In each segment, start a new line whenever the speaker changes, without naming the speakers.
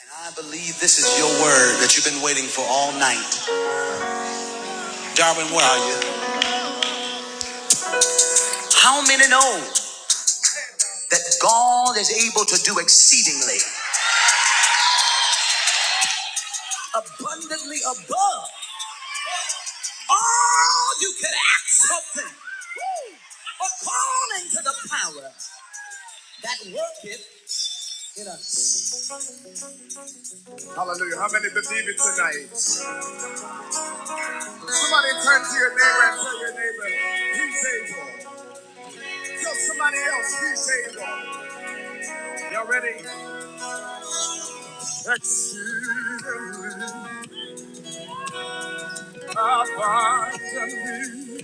And I believe this is your word that you've been waiting for all night. Darwin, where are you? How many know that God is able to do exceedingly, abundantly above all you can ask something? Woo! According to the- Hallelujah. How many believe it tonight? Somebody turn to your neighbor and tell your neighbor, he's able. Tell somebody else, he's able. Y'all ready? Exceedingly, abundantly.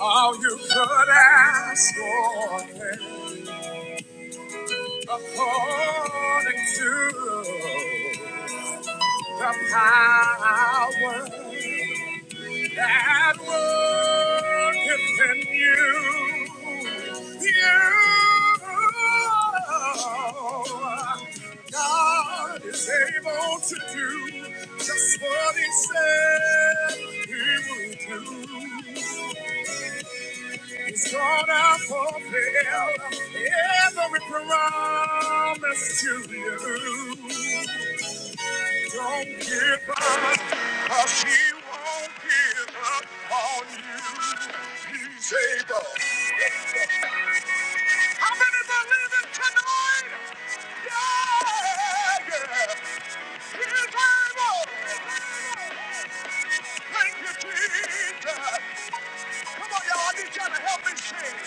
All you could ask for according to the power that worketh in you. You, God is able to do just what He said He would do. It's gonna fulfill every promise to you. Don't give up, cause he won't give up on you. He's able. How many believe it tonight? Yeah, yeah. He's able. Thank you, Jesus. Come on, y'all. I need y'all to help me sing.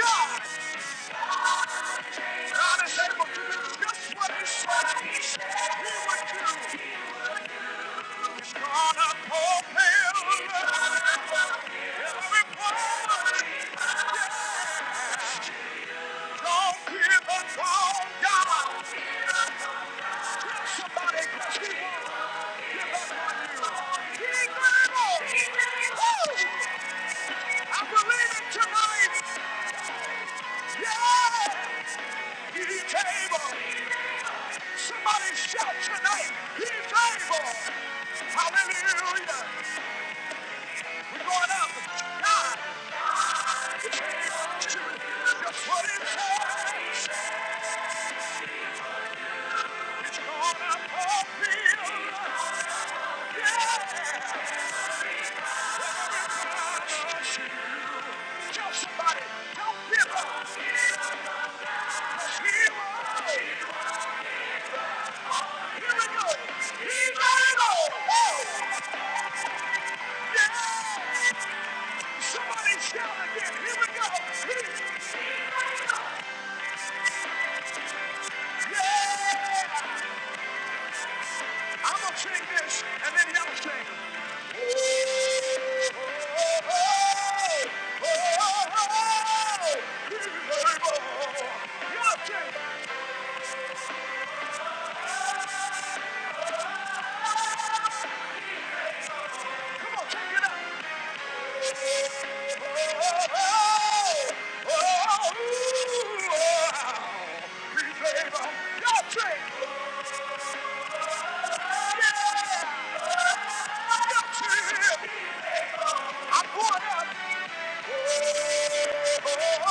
God, God is able to do just what he said he would do. Somebody shout tonight, he's able. Hallelujah. Somebody, don't give up. Here we go. He's ready go. Yeah! Somebody shout again. Here we go. Yeah! I'm gonna sing this, and then y'all sing. Y'all sing. Come on, take it up. Y'all sing. Yeah! Y'all sing. I'm going up. He's gonna do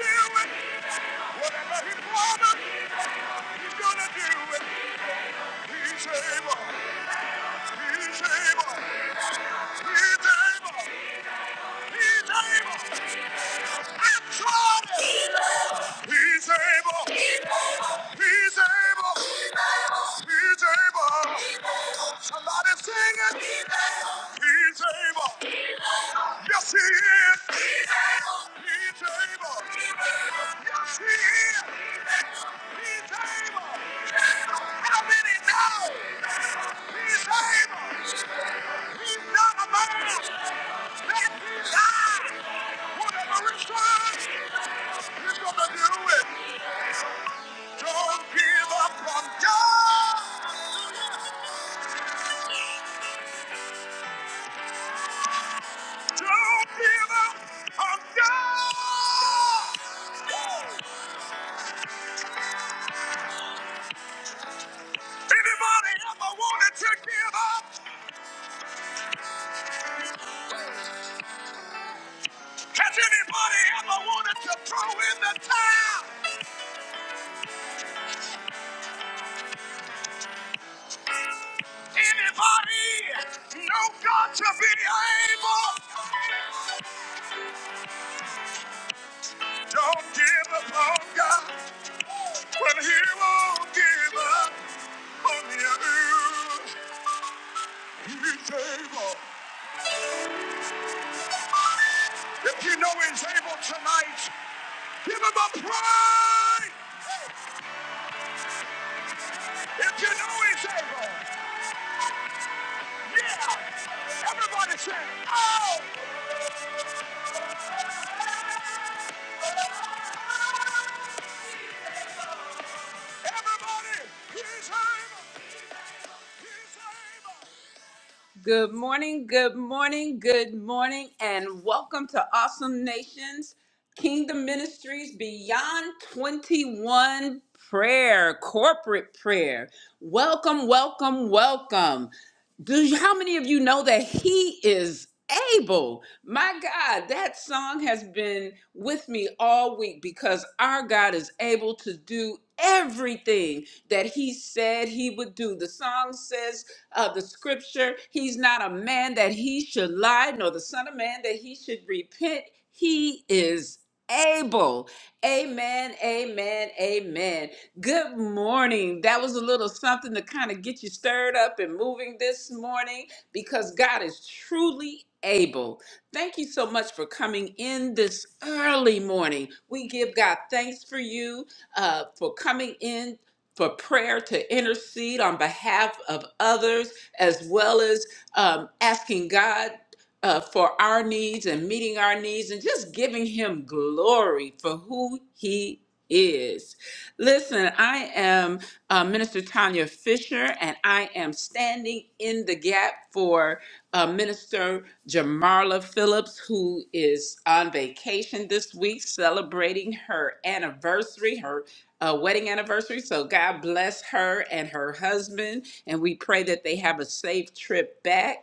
it. Whatever he wanted, he's gonna do it. He's able. He's able. He's able. He's able. I'm trying. He's able. He's able. He's able. Somebody sing it. He's able. Yes, he is. He's able. He's He's able. He's able. Yes, he is. He's able. How many know? He's able. He's not a man that he lied. Whatever he said, he's gonna do it. Don't give up on God. Don't give up on God. Anybody ever wanted to give up? Has anybody ever wanted to throw in the towel? Anybody know God to be able? Don't give up on God when He won't give up on you. He's able. If you know He's able tonight, give Him a praise. If you know He's able. Yeah! Everybody say, oh! Everybody, he's able! He's able! Good morning, good morning, good morning, and welcome to Awesome Nations Kingdom Ministries Beyond 21 Prayer, Corporate Prayer. Welcome, welcome, welcome. Do you, how many of you know that he is able? My God, that song has been with me all week because our God is able to do everything that he said he would do. The song says uh, the scripture, he's not a man that he should lie, nor the son of man that he should repent. He is able. Amen, amen, amen. Good morning. That was a little something to kind of get you stirred up and moving this morning because God is truly able. Thank you so much for coming in this early morning. We give God thanks for you uh, for coming in for prayer to intercede on behalf of others, as well as um, asking God uh, for our needs and meeting our needs and just giving Him glory for who He is. Listen, I am uh, Minister Tanya Fisher, and I am standing in the gap for uh, Minister Jamarla Phillips, who is on vacation this week celebrating her anniversary, her uh, wedding anniversary. So God bless her and her husband. And we pray that they have a safe trip back.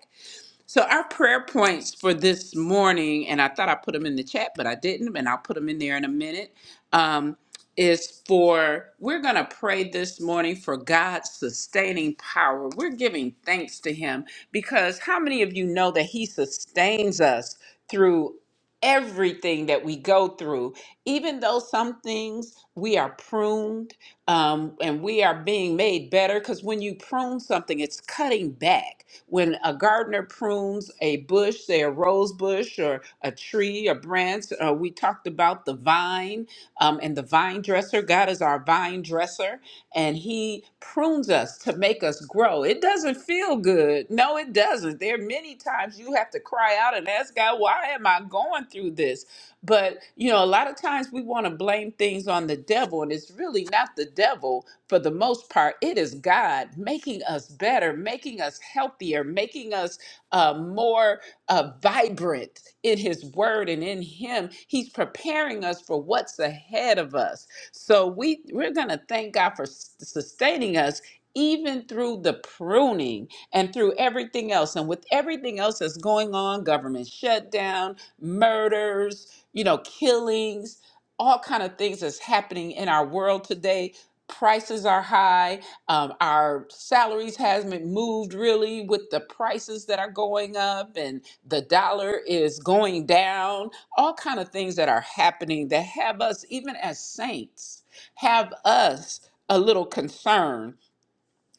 So our prayer points for this morning, and I thought I put them in the chat, but I didn't, and I'll put them in there in a minute. Um, is for we're gonna pray this morning for God's sustaining power. We're giving thanks to Him because how many of you know that He sustains us through everything that we go through, even though some things we are pruned um, and we are being made better. Because when you prune something, it's cutting back. When a gardener prunes a bush, say a rose bush or a tree, a branch, uh, we talked about the vine um, and the vine dresser. God is our vine dresser, and He prunes us to make us grow. It doesn't feel good. No, it doesn't. There are many times you have to cry out and ask God, why am I going through this? But, you know, a lot of times we want to blame things on the devil, and it's really not the devil for the most part. It is God making us better, making us healthier, making us uh, more uh, vibrant in His Word and in Him. He's preparing us for what's ahead of us. So we we're gonna thank God for s- sustaining us even through the pruning and through everything else and with everything else that's going on government shutdown murders you know killings all kind of things that's happening in our world today prices are high um, our salaries hasn't moved really with the prices that are going up and the dollar is going down all kind of things that are happening that have us even as saints have us a little concerned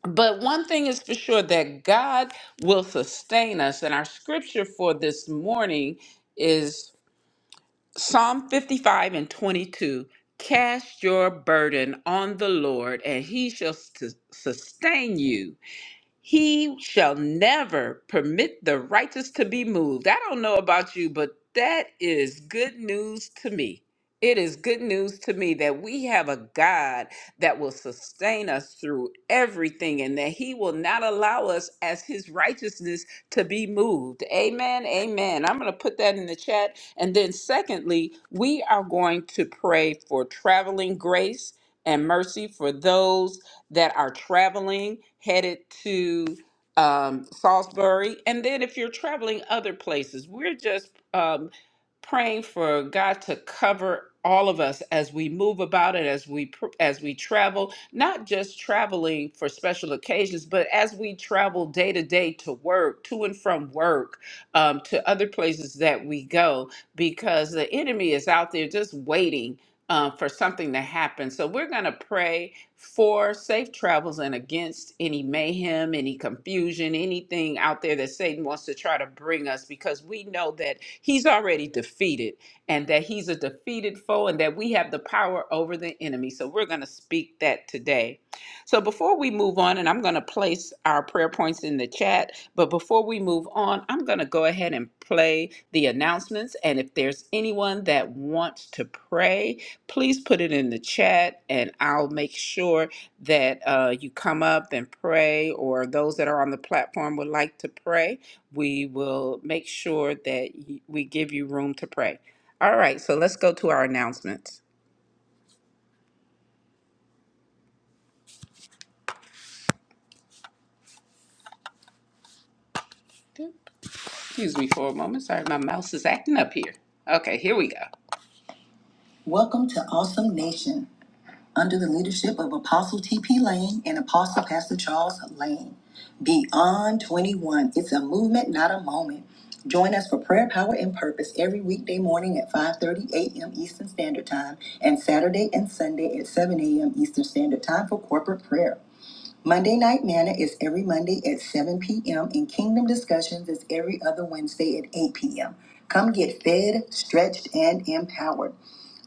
but one thing is for sure that God will sustain us. And our scripture for this morning is Psalm 55 and 22. Cast your burden on the Lord, and he shall sus- sustain you. He shall never permit the righteous to be moved. I don't know about you, but that is good news to me. It is good news to me that we have a God that will sustain us through everything and that he will not allow us as his righteousness to be moved. Amen. Amen. I'm going to put that in the chat. And then, secondly, we are going to pray for traveling grace and mercy for those that are traveling headed to um, Salisbury. And then if you're traveling other places, we're just um, praying for God to cover all of us as we move about it, as we pr- as we travel, not just traveling for special occasions, but as we travel day to day to work, to and from work, um, to other places that we go, because the enemy is out there just waiting uh, for something to happen. So we're going to pray for safe travels and against any mayhem, any confusion, anything out there that Satan wants to try to bring us because we know that he's already defeated and that he's a defeated foe and that we have the power over the enemy. So we're going to speak that today. So before we move on, and I'm going to place our prayer points in the chat, but before we move on, I'm going to go ahead and play the announcements. And if there's anyone that wants to pray, please put it in the chat and I'll make sure that uh, you come up and pray, or those that are on the platform would like to pray. We will make sure that y- we give you room to pray. All right, so let's go to our announcements. Excuse me for a moment. Sorry, my mouse is acting up here. Okay, here we go. Welcome to Awesome Nation. under the leadership of Apostle T.P. Lane and Apostle Pastor Charles Lane. Beyond 21, it's a movement, not a moment. Join us for prayer, power, and purpose every weekday morning at 5:30 a.m. Eastern Standard Time and Saturday and Sunday at 7 a.m. Eastern Standard Time for corporate prayer. Monday Night Manna is every Monday at 7 p.m. and Kingdom Discussions is every other Wednesday at 8 p.m. Come get fed, stretched, and empowered.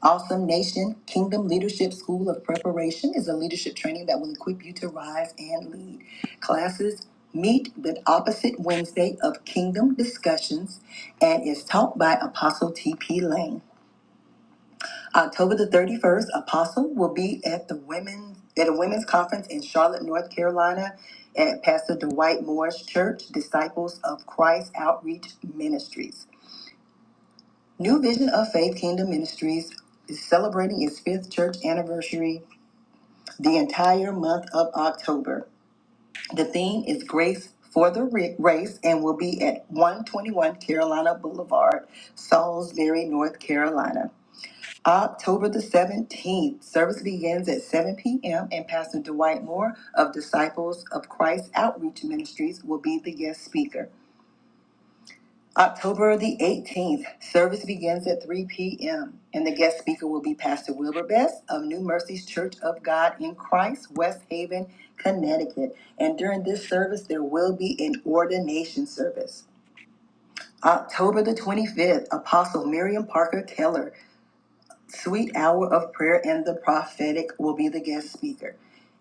Awesome Nation Kingdom Leadership School of Preparation is a leadership training that will equip you to rise and lead. Classes meet the opposite Wednesday of Kingdom Discussions and is taught by Apostle T.P. Lane. October the 31st, Apostle will be at the women at a women's conference in Charlotte, North Carolina at Pastor Dwight Moore's Church, Disciples of Christ Outreach Ministries. New Vision of Faith Kingdom Ministries is celebrating its fifth church anniversary the entire month of October. The theme is Grace for the Ra- Race and will be at 121 Carolina Boulevard, Salisbury, North Carolina. October the 17th, service begins at 7 p.m. and Pastor Dwight Moore of Disciples of Christ Outreach Ministries will be the guest speaker. October the 18th, service begins at 3 p.m. and the guest speaker will be Pastor Wilbur Best of New Mercies Church of God in Christ, West Haven, Connecticut. And during this service, there will be an ordination service. October the 25th, Apostle Miriam Parker Taylor Sweet Hour of Prayer and the Prophetic will be the guest speaker,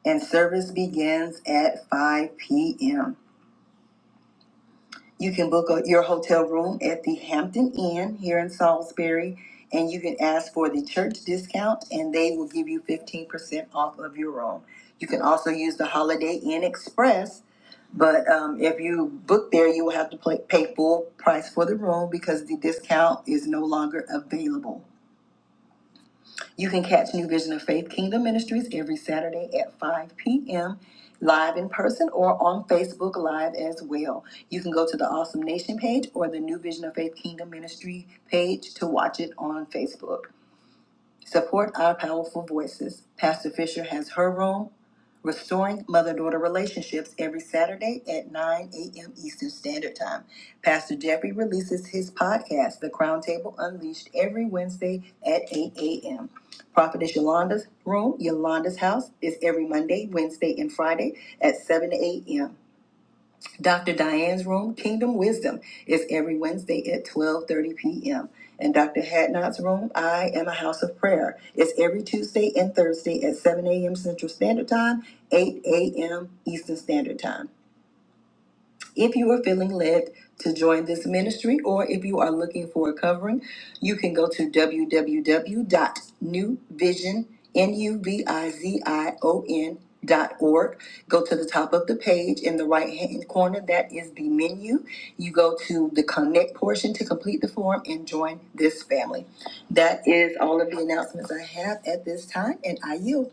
and service begins at 5 p.m. You can book a, your hotel room at the Hampton Inn here in Salisbury, and you can ask for the church discount, and they will give you 15% off of your room. You can also use the Holiday Inn Express, but um, if you book there, you will have to play, pay full price for the room because the discount is no longer available. You can catch New Vision of Faith Kingdom Ministries every Saturday at 5 p.m. live in person or on Facebook Live as well. You can go to the Awesome Nation page or the New Vision of Faith Kingdom Ministry page to watch it on Facebook. Support our powerful voices. Pastor Fisher has her room, Restoring Mother Daughter Relationships, every Saturday at 9 a.m. Eastern Standard Time. Pastor Jeffrey releases his podcast, The Crown Table Unleashed, every Wednesday at 8 a.m. Prophetess Yolanda's room, Yolanda's house, is every Monday, Wednesday, and Friday at 7 a.m. Dr. Diane's room, Kingdom Wisdom, is every Wednesday at 12:30 p.m. And Dr. Hadnot's room, I Am a House of Prayer, is every Tuesday and Thursday at 7 a.m. Central Standard Time, 8 a.m. Eastern Standard Time. If you are feeling led to join this ministry or if you are looking for a covering, you can go to www.newvision, N-U-V-I-Z-I-O-N dot new vision, N U V I Z I O N dot org. Go to the top of the page in the right hand corner. That is the menu. You go to the connect portion to complete the form and join this family. That is all of the announcements I have at this time and I yield.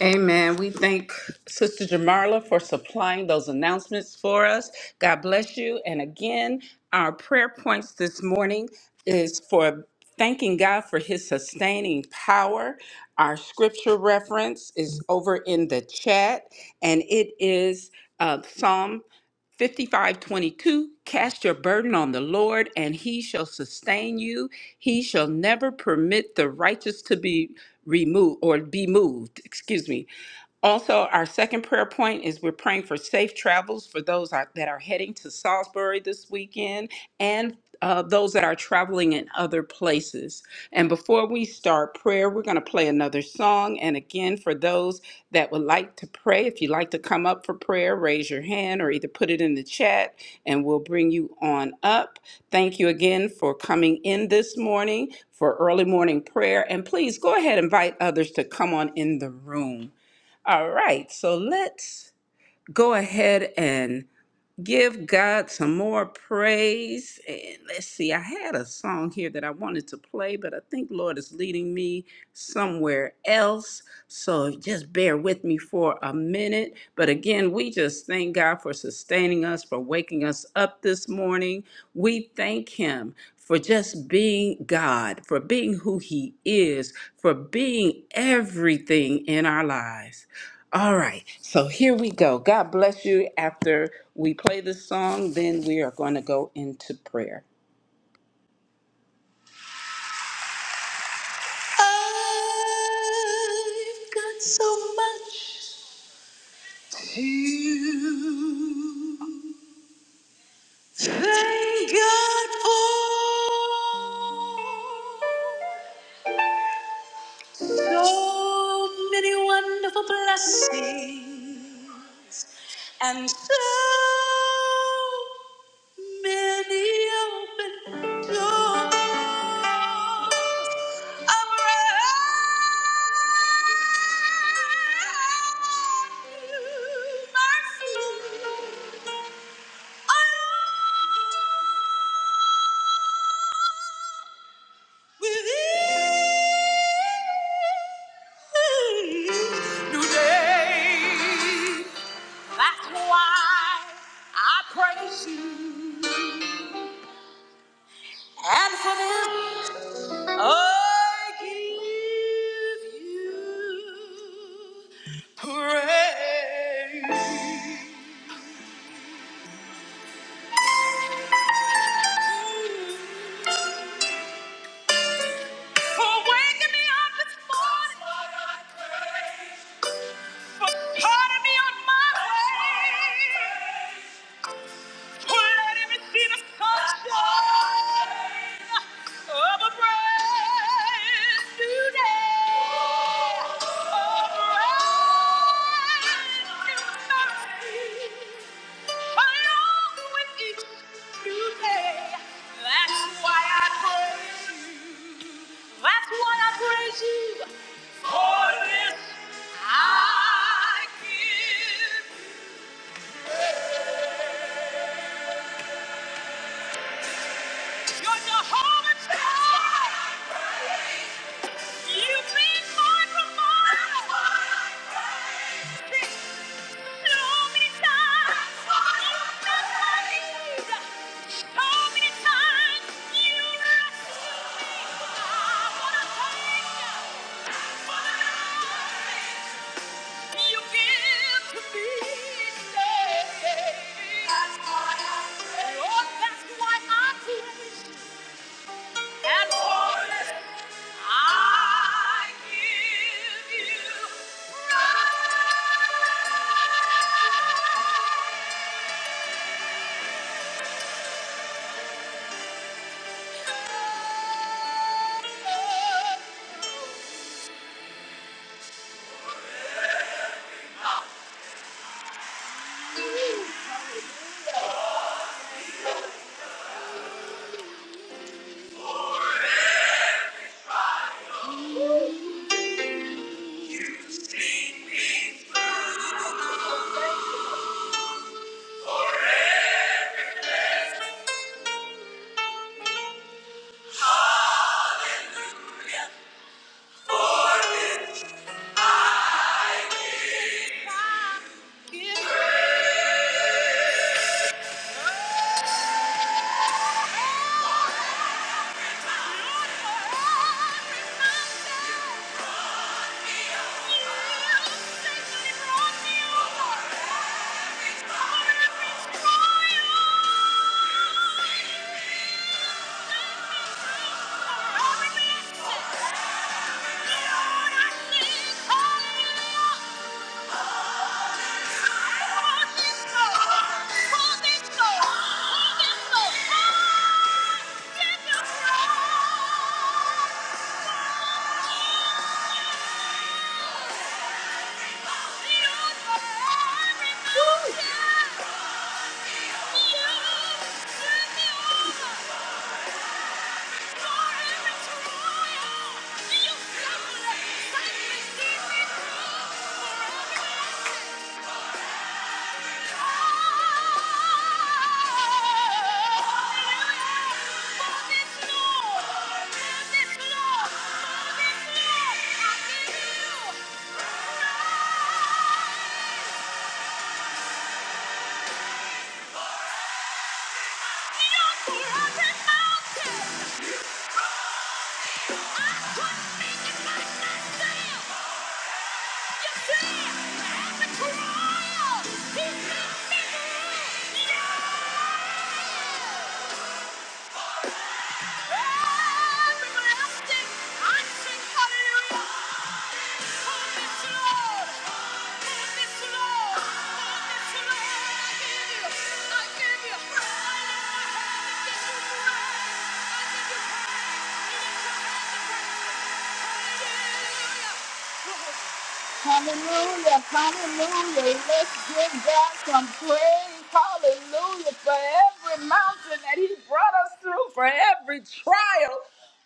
Amen. We thank Sister Jamarla for supplying those announcements for us. God bless you. And again, our prayer points this morning is for thanking God for his sustaining power. Our scripture reference is over in the chat, and it is uh, Psalm 55 22. Cast your burden on the Lord, and he shall sustain you. He shall never permit the righteous to be remove or be moved, excuse me, also, our second prayer point is we're praying for safe travels for those are- that are heading to Salisbury this weekend and uh, those that are traveling in other places. And before we start prayer, we're going to play another song. And again, for those that would like to pray, if you'd like to come up for prayer, raise your hand or either put it in the chat and we'll bring you on up. Thank you again for coming in this morning for early morning prayer. And please go ahead and invite others to come on in the room. All right, so let's go ahead and give God some more praise. And let's see, I had a song here that I wanted to play, but I think Lord is leading me somewhere else. So just bear with me for a minute. But again, we just thank God for sustaining us, for waking us up this morning. We thank Him for just being God, for being who He is, for being everything in our lives. All right, so here we go. God bless you. After we play this song, then we are going to go into prayer. Thank God for So many wonderful blessings and so many open doors. I'm mercy. Within Praise. For starting me on my way. For letting me see the sunshine of a brand new day. A brand new mercy. along with each new day. That's why I praise you. That's why I praise you. For this I give. praise. You're Jehovah's God. You've been my provider. So many times you've been my leader. So many times you rescued me. I wanna thank you for the Thank you. Yeah. Yeah! Everybody sing. I sing hallelujah. I give you praise. Hallelujah, hallelujah. Let's give God some praise. Hallelujah for every mountain that He brought us through, for every trial.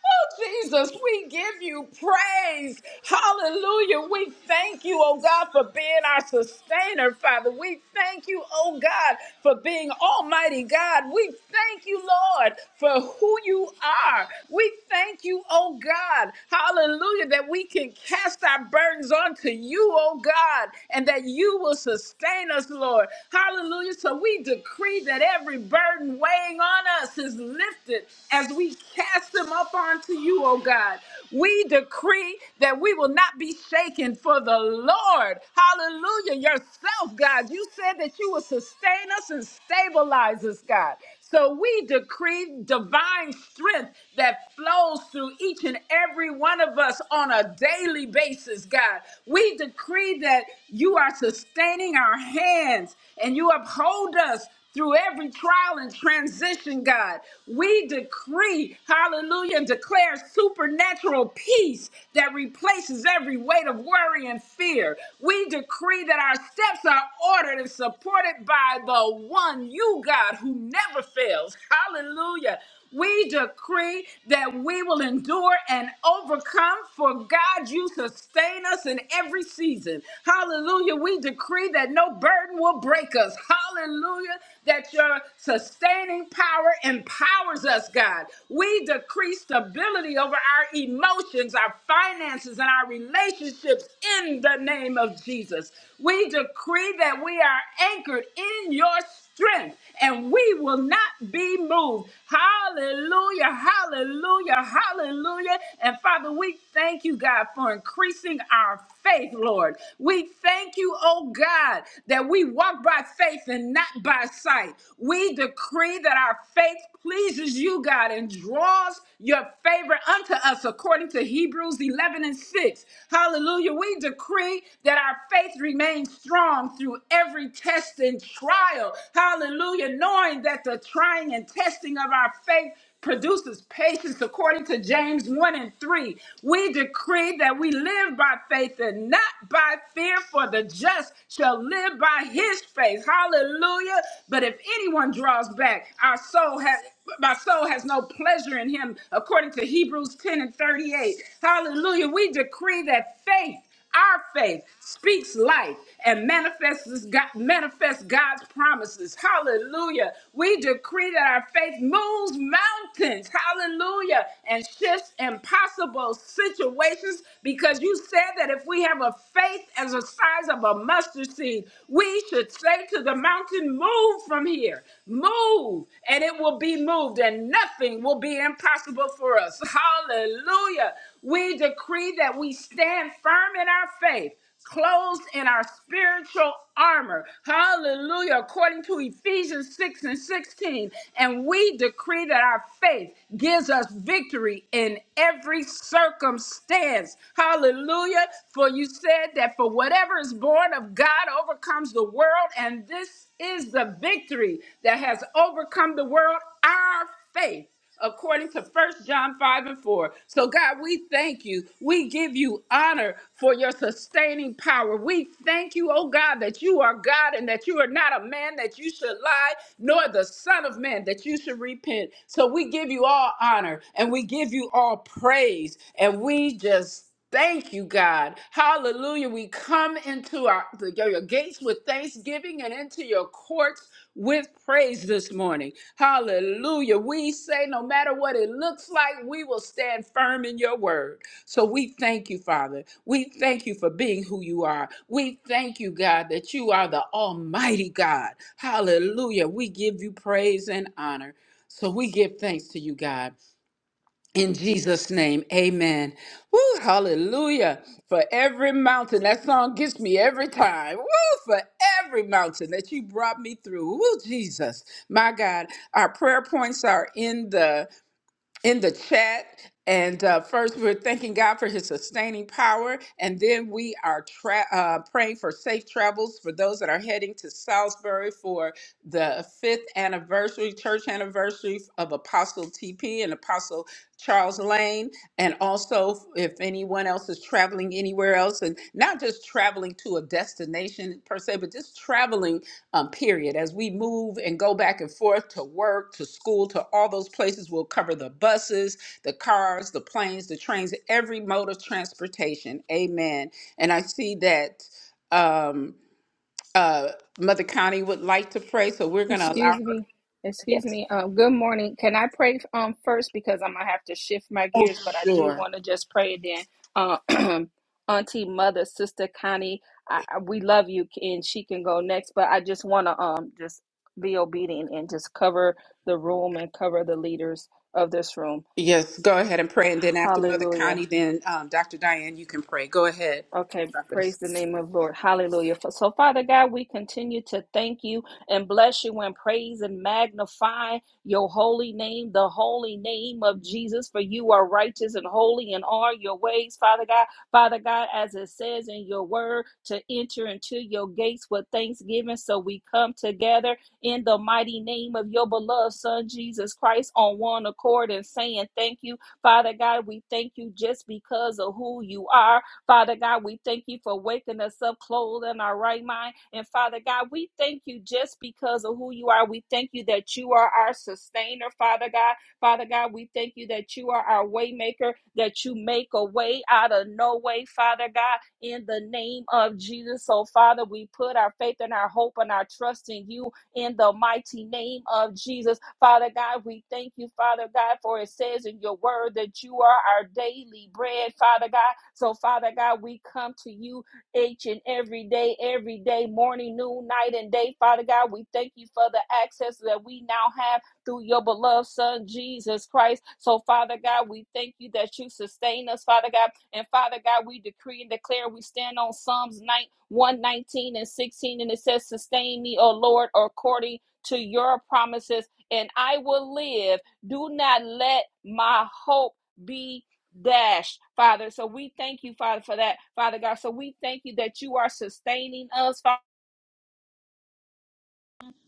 Oh, Jesus, we give you praise. Hallelujah. We thank you, oh God, for being our sustainer, Father. We thank you, oh God, for being Almighty God. We thank you, Lord, for who you are. We thank you, oh God. Hallelujah, that we can cast our burdens hands on to you, oh God, and that you will sustain us, Lord. Hallelujah. So we decree that every burden weighing on us is lifted as we cast them up onto you, oh God. We decree that we will not be shaken for the Lord. Hallelujah. Yourself, God. You said that you will sustain us and stabilize us, God. So we decree divine strength that flows through each and every one of us on a daily basis, God. We decree that you are sustaining our hands and you uphold us through every trial and transition, God. We decree, hallelujah, and declare supernatural peace that replaces every weight of worry and fear. We decree that our steps are ordered and and supported by the one you, God, who never fails. Hallelujah. We decree that we will endure and overcome, for God, you sustain us in every season. Hallelujah. We decree that no burden will break us. Hallelujah. That your sustaining power empowers us, God. We decree stability over our emotions, our finances, and our relationships in the name of Jesus. We decree that we are anchored in your strength and we will not be moved. Hallelujah, hallelujah, hallelujah. And Father, we thank you, God, for increasing our faith, Lord. We thank you, oh God, that we walk by faith and not by sight. We decree that our faith pleases you, God, and draws your favor unto us according to Hebrews 11 and 6. Hallelujah. We decree that our faith remains strong through every test and trial. Hallelujah. Knowing that the trying and testing of our faith produces patience according to James 1 and 3. We decree that we live by faith and not by fear, for the just shall live by his faith. Hallelujah. But if anyone draws back, our soul has. My soul has no pleasure in him, according to Hebrews 10 and 38. Hallelujah. We decree that faith, our faith, speaks life and manifests, God, manifests God's promises. Hallelujah. We decree that our faith moves mountains. Hallelujah. And shifts impossible situations because you said that if we have a faith as the size of a mustard seed, we should say to the mountain, move from here. Move, and it will be moved, and nothing will be impossible for us. Hallelujah. We decree that we stand firm in our faith clothed in our spiritual armor. Hallelujah. According to Ephesians 6 and 16. And we decree that our faith gives us victory in every circumstance. Hallelujah. For you said that for whatever is is born of God overcomes the world, and this is the victory that has overcome the world, our faith according to First John 5 and 4. So, God, we thank you. We give you honor for your sustaining power. We thank you, oh God, that you are God and that you are not a man that you should lie, nor the Son of Man that you should repent. So, we give you all honor and we give you all praise. And we just Thank you, God. Hallelujah. We come into our, the, your your gates with thanksgiving and into your courts with praise this morning. Hallelujah. We say, no matter what it looks like, we will stand firm in your word. So we thank you, Father. We thank you for being who you are. We thank you, God, that you are the Almighty God. Hallelujah. We give you praise and honor. So we give thanks to you, God. In Jesus' name, amen. Woo, hallelujah. For every mountain, that song gets me every time. Woo, for every mountain that you brought me through. Woo, Jesus. My God. Our prayer points are in the in the chat. And uh, first, we're thanking God for his sustaining power. And then we are tra- uh, praying for safe travels for those that are heading to Salisbury for the fifth anniversary, church anniversary of Apostle TP and Apostle Charles Lane, and also if anyone else is traveling anywhere else, and not just traveling to a destination per se, but just traveling, um, period. As we move and go back and forth to work, to school, to all those places, we'll cover the buses, the cars, the planes, the trains, every mode of transportation. Amen. And I see that. Um, uh, Mother Connie would like to pray, so we're going to allow her.
Excuse me. Excuse me. Um, good morning. Can I pray um first because I'm gonna have to shift my
Oh,
gears, but I do
sure.
want to just pray then. Uh, Auntie, Mother, Sister Connie, I, I, we love you, and she can go next. But I just want to um just be obedient and just cover the room and cover the leaders of this room.
Yes, go ahead and pray. And then after Mother
Hallelujah.
Connie, then um, Dr. Diane, you can pray. Go ahead.
Okay, praise the name of Lord. Hallelujah. F- So, Father God, we continue to thank you and bless you and praise and magnify your holy name, the holy name of Jesus, for you are righteous and holy in all your ways, Father God. Father God, as it says in your word, to enter into your gates with thanksgiving. So, we come together in the mighty name of your beloved Son, Jesus Christ, on one accord and saying thank you. Father God, we thank you just because of who you are. Father God, we thank you for waking us up, clothed in our right mind. And Father God, we thank you just because of who you are. We thank you that you are our sustainer, Father God. Father God, we thank you that you are our way maker, that you make a way out of no way, Father God, in the name of Jesus. So, Father, we put our faith and our hope and our trust in you in the mighty name of Jesus. Father God, we thank you, Father God, for it says in your word that you are our daily bread, Father God. So, Father God, we come to you each and every day, every day, morning, noon, night, and day, Father God. We thank you for the access that we now have through your beloved Son, Jesus Christ. So, Father God, we thank you that you sustain us, Father God and Father God, we decree and declare we stand on Psalms 9, 119 and 16, and it says, Sustain me, O Lord, according to your promises, and I will live. Do not let my hope be dashed, Father. So we thank you, Father, for that, Father God. So we thank you that you are sustaining us, Father.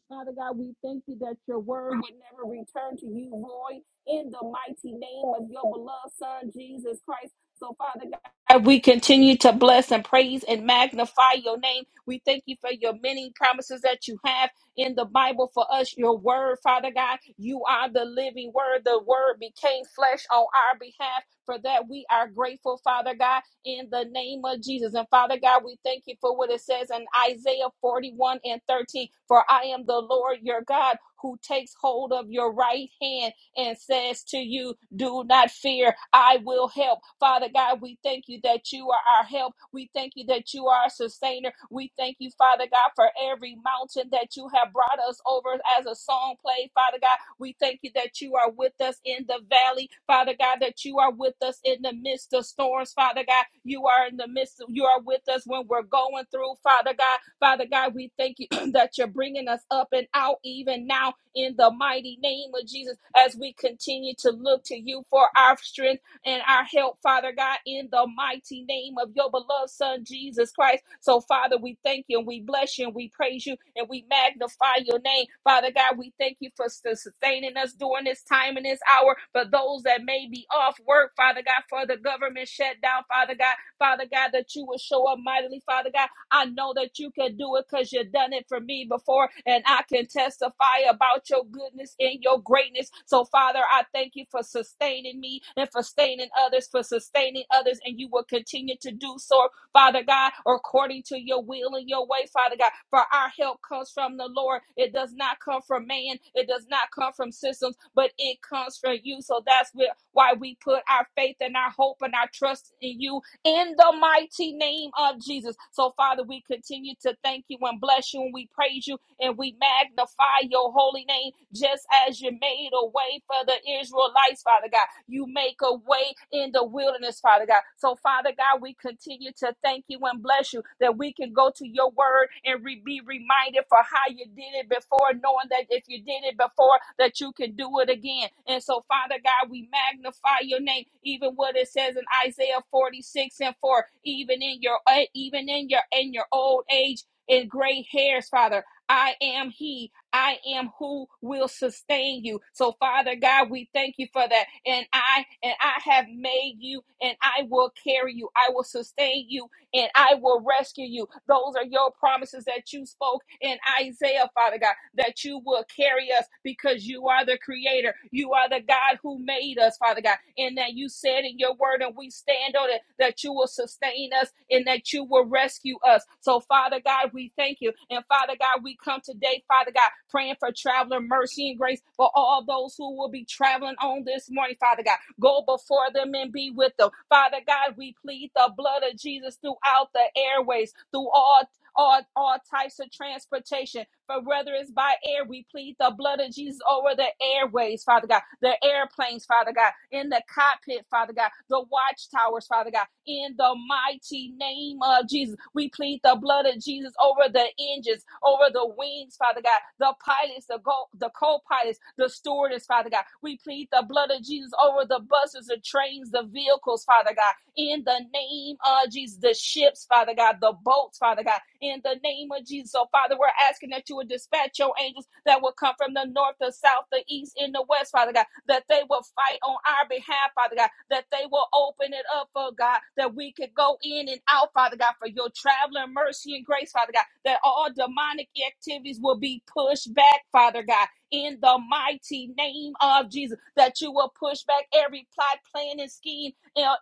Father God, we thank you that your word would never return to you void in the mighty name of your beloved Son, Jesus Christ. So, Father God, we continue to bless and praise and magnify your name. We thank you for your many promises that you have in the Bible for us, your word, Father God. You are the living word. The word became flesh on our behalf. For that, we are grateful, Father God in the name of Jesus. And Father God, we thank you for what it says in Isaiah 41 and 13. For I am the Lord your God who takes hold of your right hand and says to you, Do not fear, I will help. Father God, we thank you that you are our help. We thank you that you are our sustainer. We thank you, Father God, for every mountain that you have brought us over as a song played, Father God. We thank you that you are with us in the valley, Father God, that you are with us in the midst of storms, Father God. You are in the midst, of, you are with us when we're going through, Father God. Father God, we thank you that you're bringing us up and out even now in the mighty name of Jesus as we continue to look to you for our strength and our help, Father God, in the mighty name of your beloved Son, Jesus Christ. So, Father, we thank you and we bless you and we praise you and we magnify your name. Father God, we thank you for sus- sustaining us during this time and this hour. For those that may be off work, Father God, for the government shutdown, Father God, Father God, that you will show up mightily, Father God I know that you can do it because you've done it for me before, and I can testify about your goodness and your greatness. So, Father, I thank you for sustaining me and for sustaining others, for sustaining others, and you will continue to do so, Father God, according to your will and your way, Father God. For our help comes from the Lord. It does not come from man, it does not come from systems, but it comes from you. So that's where- why we put our faith and our hope and our trust in you in the mighty name of Jesus. So, Father, we continue to thank you and bless you, and we praise you and we magnify your holy name, just as you made a way for the Israelites, Father God. You make a way in the wilderness, Father God. So, Father God, we continue to thank you and kingdom bless you, that we can go to your word and re- be reminded for how you did it before, knowing that if you did it before, that you can do it again. And so, Father God, we magnify your name, even what it says in Isaiah 46 and 4, even in your uh, even in your in your old age and gray hairs, Father. I am he. I am who will sustain you. So, Father God, we thank you for that. And I and I have made you, and I will carry you. I will sustain you and I will rescue you. Those are your promises that you spoke in Isaiah, Father God, that you will carry us because you are the creator. You are the God who made us, Father God, and that you said in your word, and we stand on it, that you will sustain us and that you will rescue rescue us. So, Father God, we thank you. And Father God, we come today, Father God, praying for traveler mercy and grace for all those who will be traveling on this morning, Father God. Go before them and be with them. Father God, we plead the blood of Jesus throughout the airways, through all all, all types of transportation. For whether it's by air, we plead the blood of Jesus over the airways, Father God, the airplanes, Father God, in the cockpit, Father God, the watchtowers, Father God, in the mighty name of Jesus. We plead the blood of Jesus over the engines, over the wings, Father God, the pilots, the go- the co-pilots, the stewardess, Father God. We plead the blood of Jesus over the buses, the trains, the vehicles, Father God in the name of Jesus. The ships, Father God, the boats, Father God, in the name of Jesus. So, Father, we're asking that you would dispatch your angels that will come from the north, the south, the east, and the west, Father God, that they will fight on our behalf, Father God, that they will open it up, oh God, that we could go in and out, Father God, for your traveling mercy and grace, Father God, that all demonic activities will be pushed back, Father God, in the mighty name of Jesus, that you will push back every plot, plan, and scheme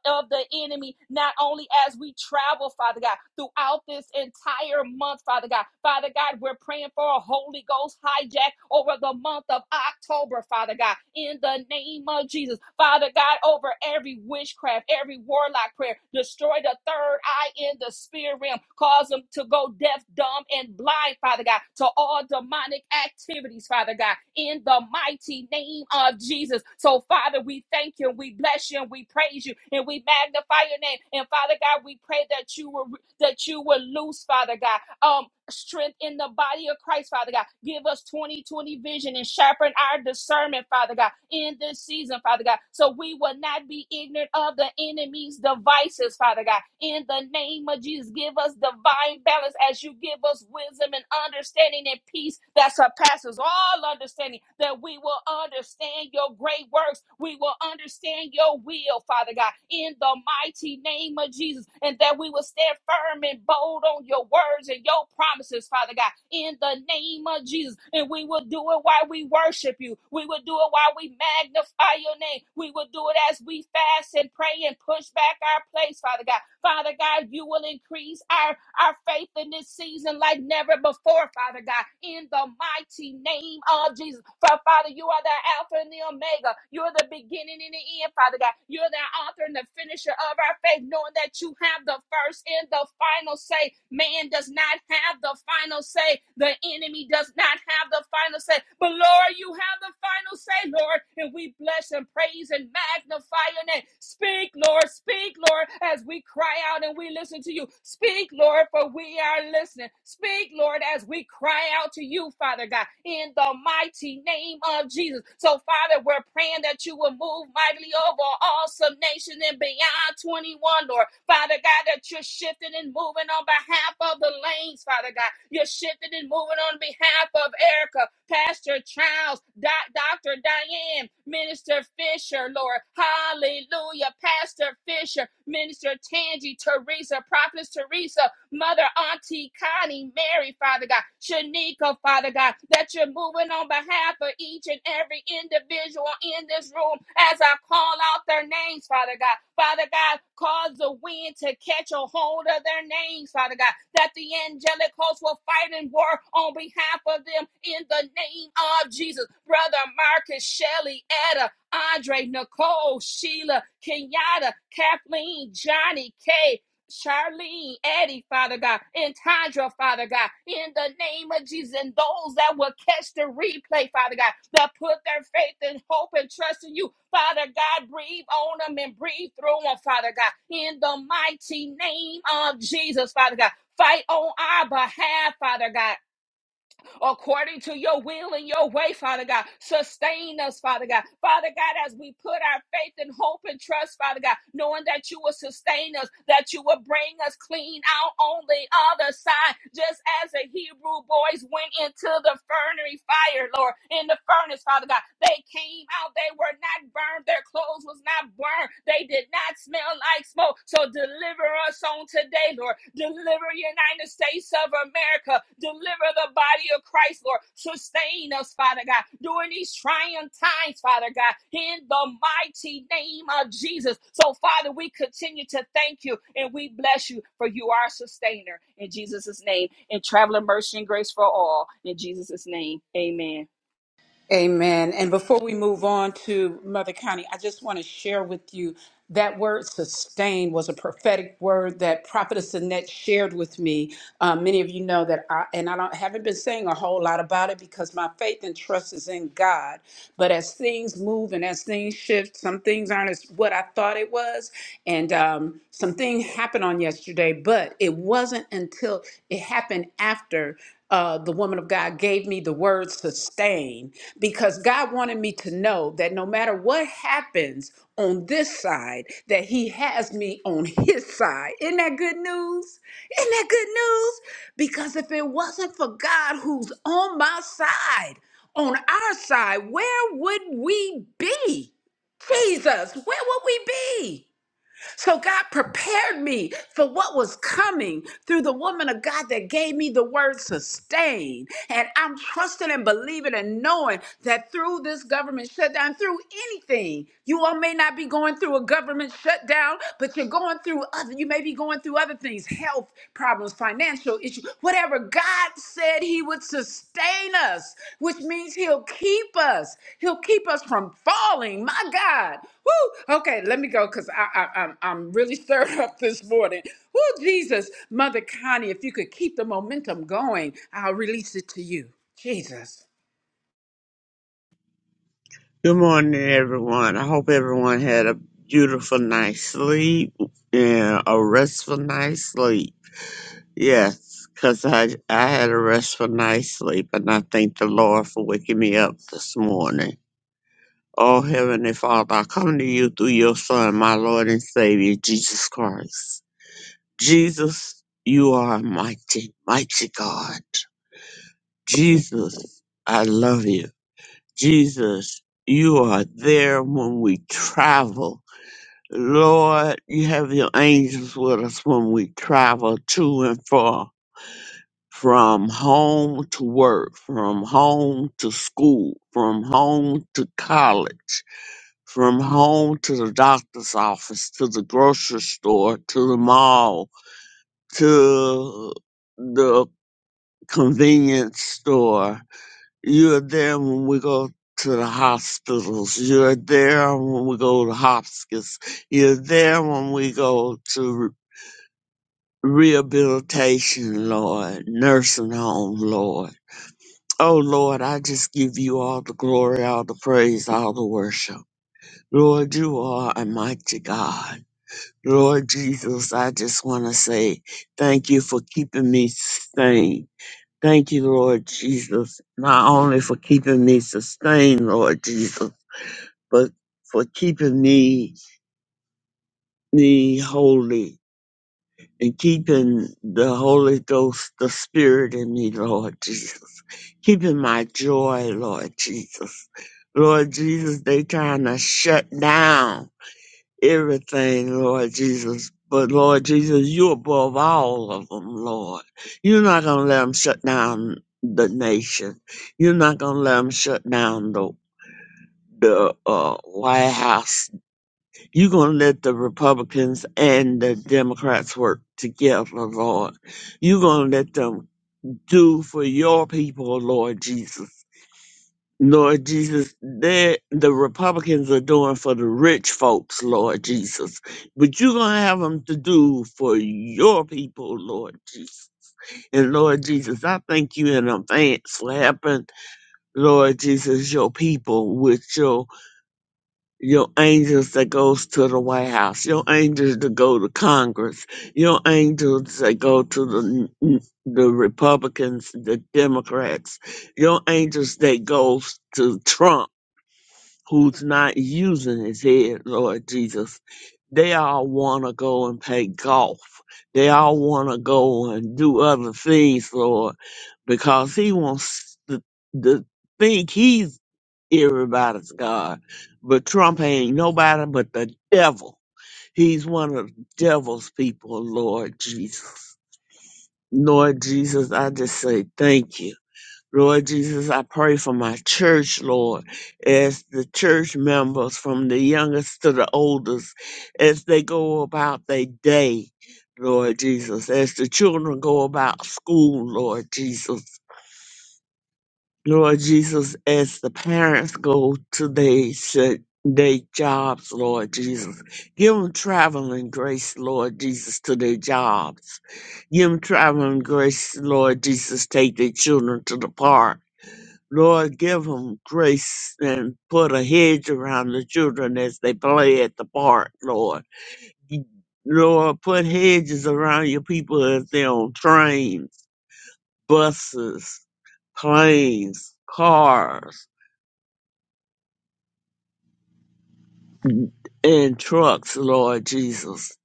of the enemy, not only as we travel, Father God, throughout this entire month, Father God. Father God, we're praying for a Holy Ghost hijack over the month of October, Father God, in the name of Jesus. Father God, over every witchcraft, every warlock prayer, the destroy the third eye in the spirit realm. Cause them to go deaf, dumb, and blind, Father God, to all demonic activities, Father God, in the mighty name of Jesus. So, Father, we thank you, and we bless you, and we praise you, and we magnify your name. And Father God, we pray that you will that you will loose, Father God. Um, strength in the body of Christ, Father God. Give us 2020 vision and sharpen our discernment, Father God, in this season, Father God, so we will not be ignorant of the enemy's devices, Father God. In the name of Jesus, give us divine balance as you give us wisdom and understanding and peace that surpasses all understanding, that we will understand your great works works, we will understand your will, Father God, in the mighty name of Jesus, and that we will stand firm and bold on your words and your promises, Father God, in the name of Jesus. And we will do it while we worship you. We will do it while we magnify your name. We will do it as we fast and pray and push back our place, Father God. Father God, you will increase our our faith in this season like never before, Father God, in the mighty name of Jesus. For Father, you are the Alpha and the Omega. You're the beginning and the end, Father God. You're the author and the finisher of our faith, knowing that you have the first and the final say. Man does not have the final say. The enemy does not have the final say. But Lord, you have the final say, Lord. And we bless and praise and magnify your name. Speak, Lord. Speak, Lord, as we cry out and we listen to you. Speak, Lord, for we are listening. Speak, Lord, as we cry out to you, Father God, in the mighty name of Jesus. So, Father, we're praying that you will move mightily over awesome nation and beyond 21, Lord. Father God, that you're shifting and moving on behalf of the lanes, Father God. You're shifting and moving on behalf of Erica, Pastor Charles, Doc- Dr. Diane, Minister Fisher, Lord. Hallelujah. Hallelujah. Pastor Fisher, Minister Tangi, Teresa, Prophetess Teresa, Mother Auntie Connie, Mary, Father God, Shanika, Father God, that you're moving on behalf of each and every individual in this room as I call out their names, Father God. Father God, cause the wind to catch a hold of their names, Father God, that the angelic hosts will fight and war on behalf of them in the name of Jesus. Brother Marcus, Shelley, Etta, Andre, Nicole, Sheila, Kenyatta, Kathleen, Johnny, Kay, Charlene, Eddie, Father God, and Tandra, Father God, in the name of Jesus, and those that will catch the replay, Father God, that put their faith and hope and trust in you, Father God, breathe on them and breathe through them, Father God, in the mighty name of Jesus, Father God. Fight on our behalf, Father God according to your will and your way, Father God. Sustain us, Father God. Father God, as we put our faith and hope and trust, Father God, knowing that you will sustain us, that you will bring us clean out on the other side, just as the Hebrew boys went into the furnery fire, Lord, in the furnace, Father God. They came out, they were not burned, their clothes was not burned, they did not smell like likes more. So deliver us on today, Lord. Deliver United States of America. Deliver the body of Christ, Lord. Sustain us, Father God, during these trying times, Father God, in the mighty name of Jesus. So, Father, we continue to thank you and we bless you for you are sustainer in Jesus' name and traveling mercy and grace for all in Jesus' name. Amen.
Amen. And before we move on to Mother County, I just want to share with you that word sustain was a prophetic word that Prophetess Annette shared with me. Um, many of you know that I, and I don't, haven't been saying a whole lot about it because my faith and trust is in God. But as things move and as things shift, some things aren't as what I thought it was. And um, something happened on yesterday, but it wasn't until it happened after uh, the woman of God gave me the word sustain because God wanted me to know that no matter what happens on this side, that He has me on His side. Isn't that good news? Isn't that good news? Because if it wasn't for God who's on my side, on our side, where would we be? Jesus, where would we be? So God prepared me for what was coming through the woman of God that gave me the word sustain. And I'm trusting and believing and knowing that through this government shutdown, through anything, you all may not be going through a government shutdown, but you're going through other, you may be going through other things, health problems, financial financial issue, whatever God said He would sustain us, which means He'll keep us. He'll keep us from falling. My God. Woo! Okay, let me go because I, I, I'm, I'm really stirred up this morning. Woo, Jesus. Mother Connie, if you could keep the momentum going, I'll release it to you. Jesus.
Good morning, everyone. I hope everyone had a beautiful night's sleep and a restful night's sleep. Yes, because I, I had a restful night's sleep, and I thank the Lord for waking me up this morning. Oh, Heavenly Father, I come to you through your Son, my Lord and Savior, Jesus Christ. Jesus, you are a mighty, mighty God. Jesus, I love you. Jesus, you are there when we travel. Lord, you have your angels with us when we travel to and fro, from home to work, from home to school, from home to college, from home to the doctor's office, to the grocery store, to the mall, to the convenience store. You're there when we go to the hospitals. You're there when we go to hospice. You're there when we go to rehabilitation, Lord, nursing home, Lord. Oh, Lord, I just give you all the glory, all the praise, all the worship. Lord, you are a mighty God. Lord Jesus, I just want to say thank you for keeping me sustained. Thank you, Lord Jesus, not only for keeping me sustained, Lord Jesus, but for keeping me, me holy and keeping the Holy Ghost, the Spirit in me, Lord Jesus. Keeping my joy, Lord Jesus. Lord Jesus, they trying to shut down everything, Lord Jesus. But Lord Jesus, you above all of them, Lord. You're not going to let them shut down the nation. You're not going to let them shut down the, the uh, White House you're going to let the Republicans and the Democrats work together, Lord. You're going to let them do for your people, Lord Jesus. Lord Jesus, they- the Republicans are doing for the rich folks, Lord Jesus. But you're going to have them to do for your people, Lord Jesus. And Lord Jesus, I thank you in advance for helping, Lord Jesus, your people with your your angels that goes to the White House, your angels that go to Congress, your angels that go to the the Republicans, the Democrats, your angels that goes to Trump, who's not using his head, Lord Jesus. They all want to go and play golf. They all want to go and do other things, Lord, because he wants to, to think he's everybody's God. But Trump ain't nobody but the devil. He's one of the devil's people, Lord Jesus. Lord Jesus, I just say thank you. Lord Jesus, I pray for my church, Lord, as the church members from the youngest to the oldest, as they go about their day, Lord Jesus, as the children go about school, Lord Jesus. Lord Jesus, as the parents go to their their jobs, Lord Jesus, give them traveling grace, Lord Jesus, to their jobs. Give them traveling grace, Lord Jesus, take their children to the park. Lord, give them grace and put a hedge around the children as they play at the park, Lord. Lord, put hedges around your people as they're on trains, buses, planes, cars. and trucks, Lord Jesus.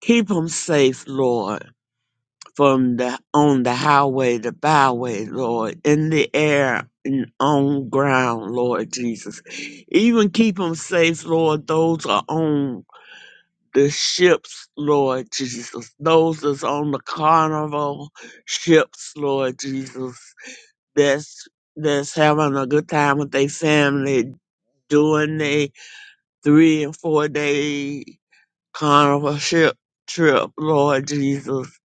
Keep them safe, Lord, from the on the highway, the byway, Lord, in the air and on ground, Lord Jesus. Even keep them safe, Lord. Those are on the ships, Lord Jesus. Those that's on the carnival ships, Lord Jesus. That's that's having a good time with their family, doing their three and four day Kind of a ship trip, Lord Jesus,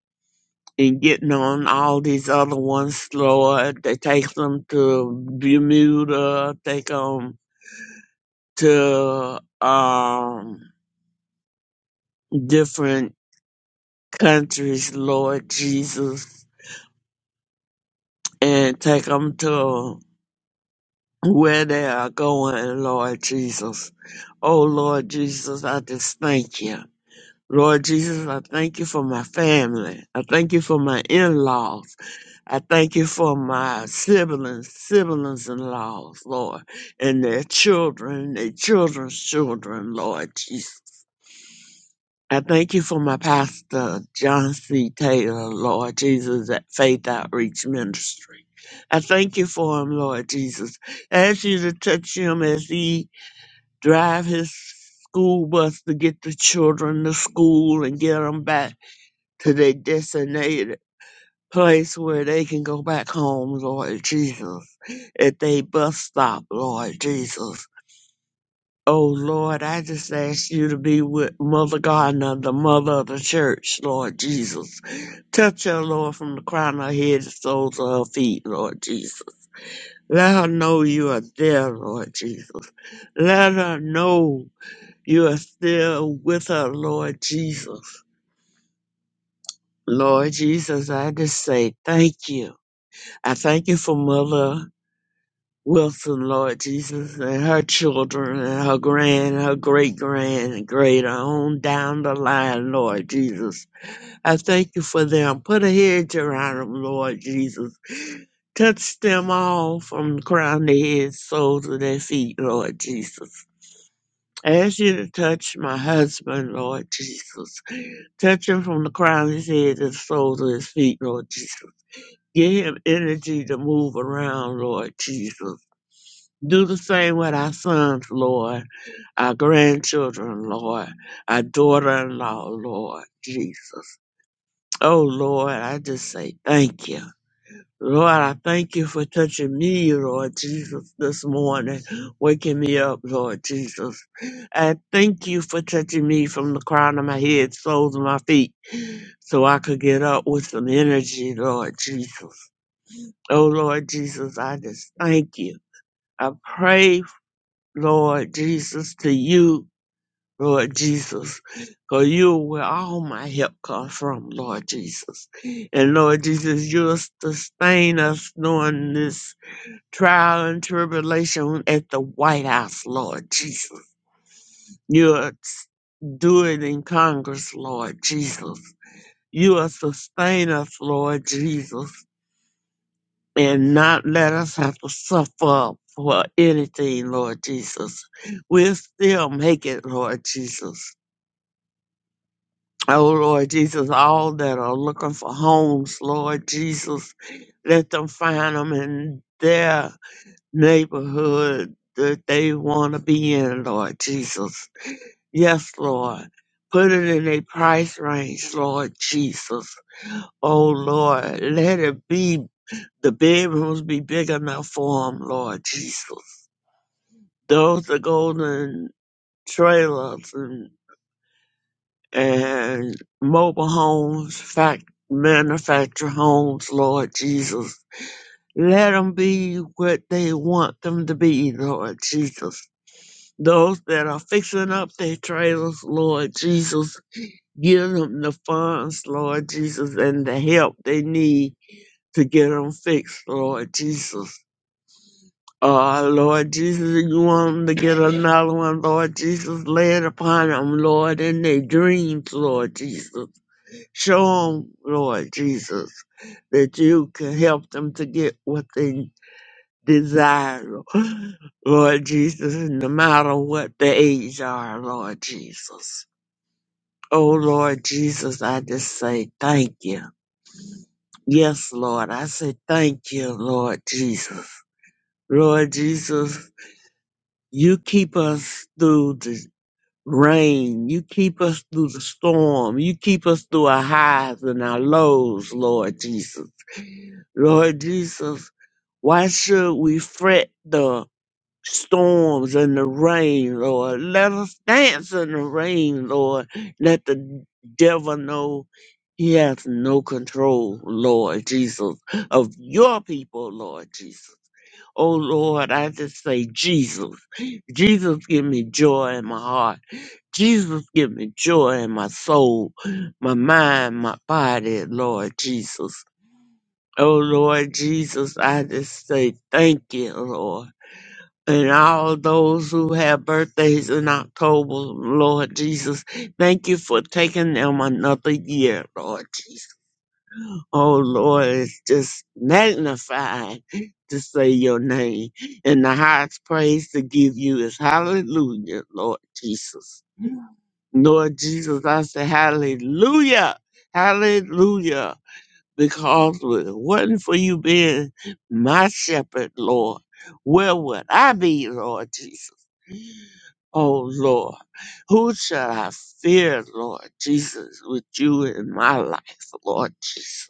and getting on all these other ones, Lord. They take them to Bermuda, take them to um different countries, Lord Jesus, and take them to where they are going, Lord Jesus. Oh, Lord Jesus, I just thank you. Lord Jesus, I thank you for my family. I thank you for my in-laws. I thank you for my siblings, siblings in laws, Lord, and their children, their children's children, Lord Jesus. I thank you for my pastor, John C. Taylor, Lord Jesus, at Faith Outreach Ministry. I thank you for him, Lord Jesus. ask you to touch him as he drive his school bus to get the children to school and get them back to their destination place where they can go back home, Lord Jesus, at they bus stop, Lord Jesus. Oh Lord, I just ask you to be with Mother Gardner, the mother of the church, Lord Jesus. Touch her, Lord, from the crown of her head to the soles of her feet, Lord Jesus. Let her know you are there, Lord Jesus. Let her know you are still with her, Lord Jesus. Lord Jesus, I just say thank you. I thank you for Mother Wilson, Lord Jesus, and her children, and her grand, her great grand, and great uh, on down the line, Lord Jesus. I thank you for them. Put a hedge around them, Lord Jesus. Touch them all from the crown of their heads, soles of their feet, Lord Jesus. I ask you to touch my husband, Lord Jesus. Touch him from the crown of his head to the soles of his feet, Lord Jesus. Give him energy to move around, Lord Jesus. Do the same with our sons, Lord, our grandchildren, Lord, our daughter in law, Lord Jesus. Oh, Lord, I just say thank you. Lord, I thank you for touching me, Lord Jesus, this morning, waking me up, Lord Jesus. I thank you for touching me from the crown of my head, soles of my feet, so I could get up with some energy, Lord Jesus. Oh, Lord Jesus, I just thank you. I pray Lord Jesus, to you, Lord Jesus, because you are where all my help comes from, Lord Jesus. And Lord Jesus, you'll sustain us during this trial and tribulation at the White House, Lord Jesus. You'll do it in Congress, Lord Jesus. You will sustain us, Lord Jesus. and not let us have to suffer for anything, Lord Jesus. We'll still make it, Lord Jesus. Oh, Lord Jesus, all that are looking for homes, Lord Jesus, let them find them in their neighborhood that they want to be in, Lord Jesus. Yes, Lord. Put it in a price range, Lord Jesus. Oh, Lord, let it be The bedrooms be big enough for 'em, Lord Jesus. Those the golden trailers and, and mobile homes, fact, manufactured homes, Lord Jesus. Let 'em be what they want them to be, Lord Jesus. Those that are fixing up their trailers, Lord Jesus, give them the funds, Lord Jesus, and the help they need to get 'em fixed, Lord Jesus Oh, Lord Jesus, you want them to get another one, Lord Jesus. Lay it upon them, Lord, in their dreams, Lord Jesus. Show them, Lord Jesus, that you can help them to get what they desire, Lord Jesus, no matter what the age are, Lord Jesus. Oh, Lord Jesus, I just say thank you. Yes, Lord, I say thank you, Lord Jesus. Lord Jesus, You keep us through the rain. You keep us through the storm. You keep us through our highs and our lows, Lord Jesus. Lord Jesus, why should we fret the storms and the rain, Lord? Let us dance in the rain, Lord. Let the devil know he has no control, Lord Jesus, of your people, Lord Jesus. Oh Lord, I just say, Jesus, Jesus, give me joy in my heart. Jesus, give me joy in my soul, my mind, my body, Lord Jesus. Oh Lord Jesus, I just say, thank you, Lord. And all those who have birthdays in October, Lord Jesus, thank you for taking them another year, Lord Jesus. Oh Lord, it's just magnified to say your name. And the highest praise to give you is hallelujah, Lord Jesus. Lord Jesus, I say hallelujah, hallelujah. Because if it wasn't for you being my shepherd, Lord, where would I be, Lord Jesus? Oh Lord, who shall I fear, Lord Jesus, with you in my life, Lord Jesus?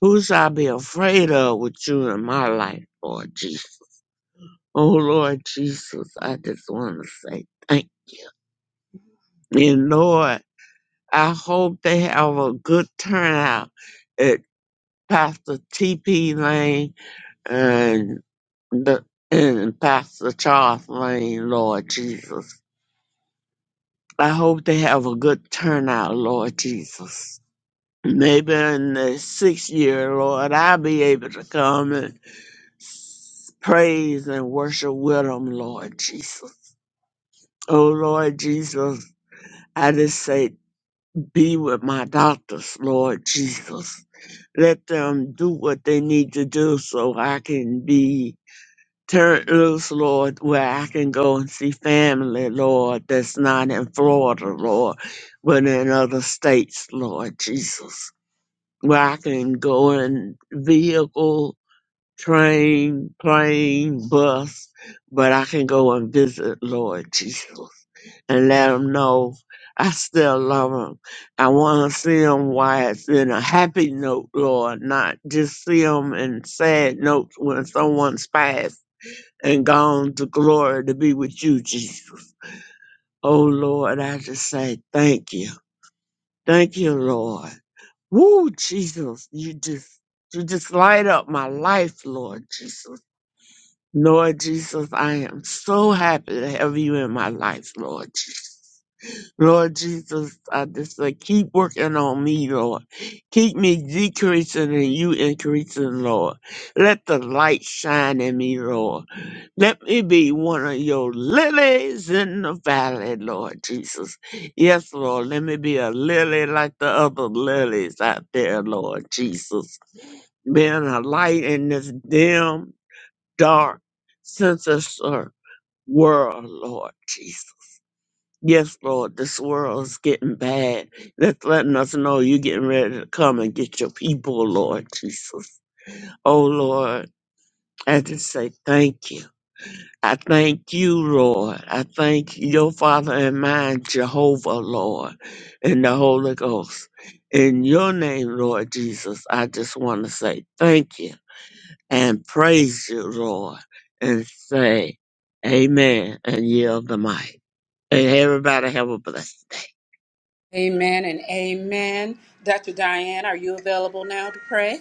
Who should I be afraid of with you in my life, Lord Jesus? Oh, Lord Jesus, I just want to say thank you. And Lord, I hope they have a good turnout at Pastor T.P. Lane and, the, and Pastor Charles Lane, Lord Jesus. I hope they have a good turnout, Lord Jesus. Maybe in the sixth year, Lord, I'll be able to come and. S- Praise and worship with them, Lord Jesus. Oh, Lord Jesus, I just say, be with my doctors, Lord Jesus. Let them do what they need to do so I can be turned loose, Lord, where I can go and see family, Lord, that's not in Florida, Lord, but in other states, Lord Jesus. Where I can go in vehicle train, plane, bus, but I can go and visit Lord Jesus and let him know I still love him. I want to see him while it's in a happy note, Lord, not just see him in sad notes when someone's passed and gone to glory to be with you, Jesus. Oh, Lord, I just say thank you. Thank you, Lord. Woo, Jesus, you just, you just light up my life, Lord Jesus. Lord Jesus, I am so happy to have you in my life, Lord Jesus. Lord Jesus, I just say, keep working on me, Lord. Keep me decreasing and you increasing, Lord. Let the light shine in me, Lord. Let me be one of your lilies in the valley, Lord Jesus. Yes, Lord, let me be a lily like the other lilies out there, Lord Jesus. Being a light in this dim dark, sinister world, Lord Jesus. Yes, Lord, this world is getting bad. That's letting us know you're getting ready to come and get your people, Lord Jesus. Oh, Lord, I just say thank you. I thank you, Lord. I thank your Father and mine, Jehovah, Lord, and the Holy Ghost. In your name, Lord Jesus, I just want to say thank you. and praise you, Lord, and say amen and yield the mic. And everybody have a blessing.
Amen and amen. Dr. Diane, are you available now to pray?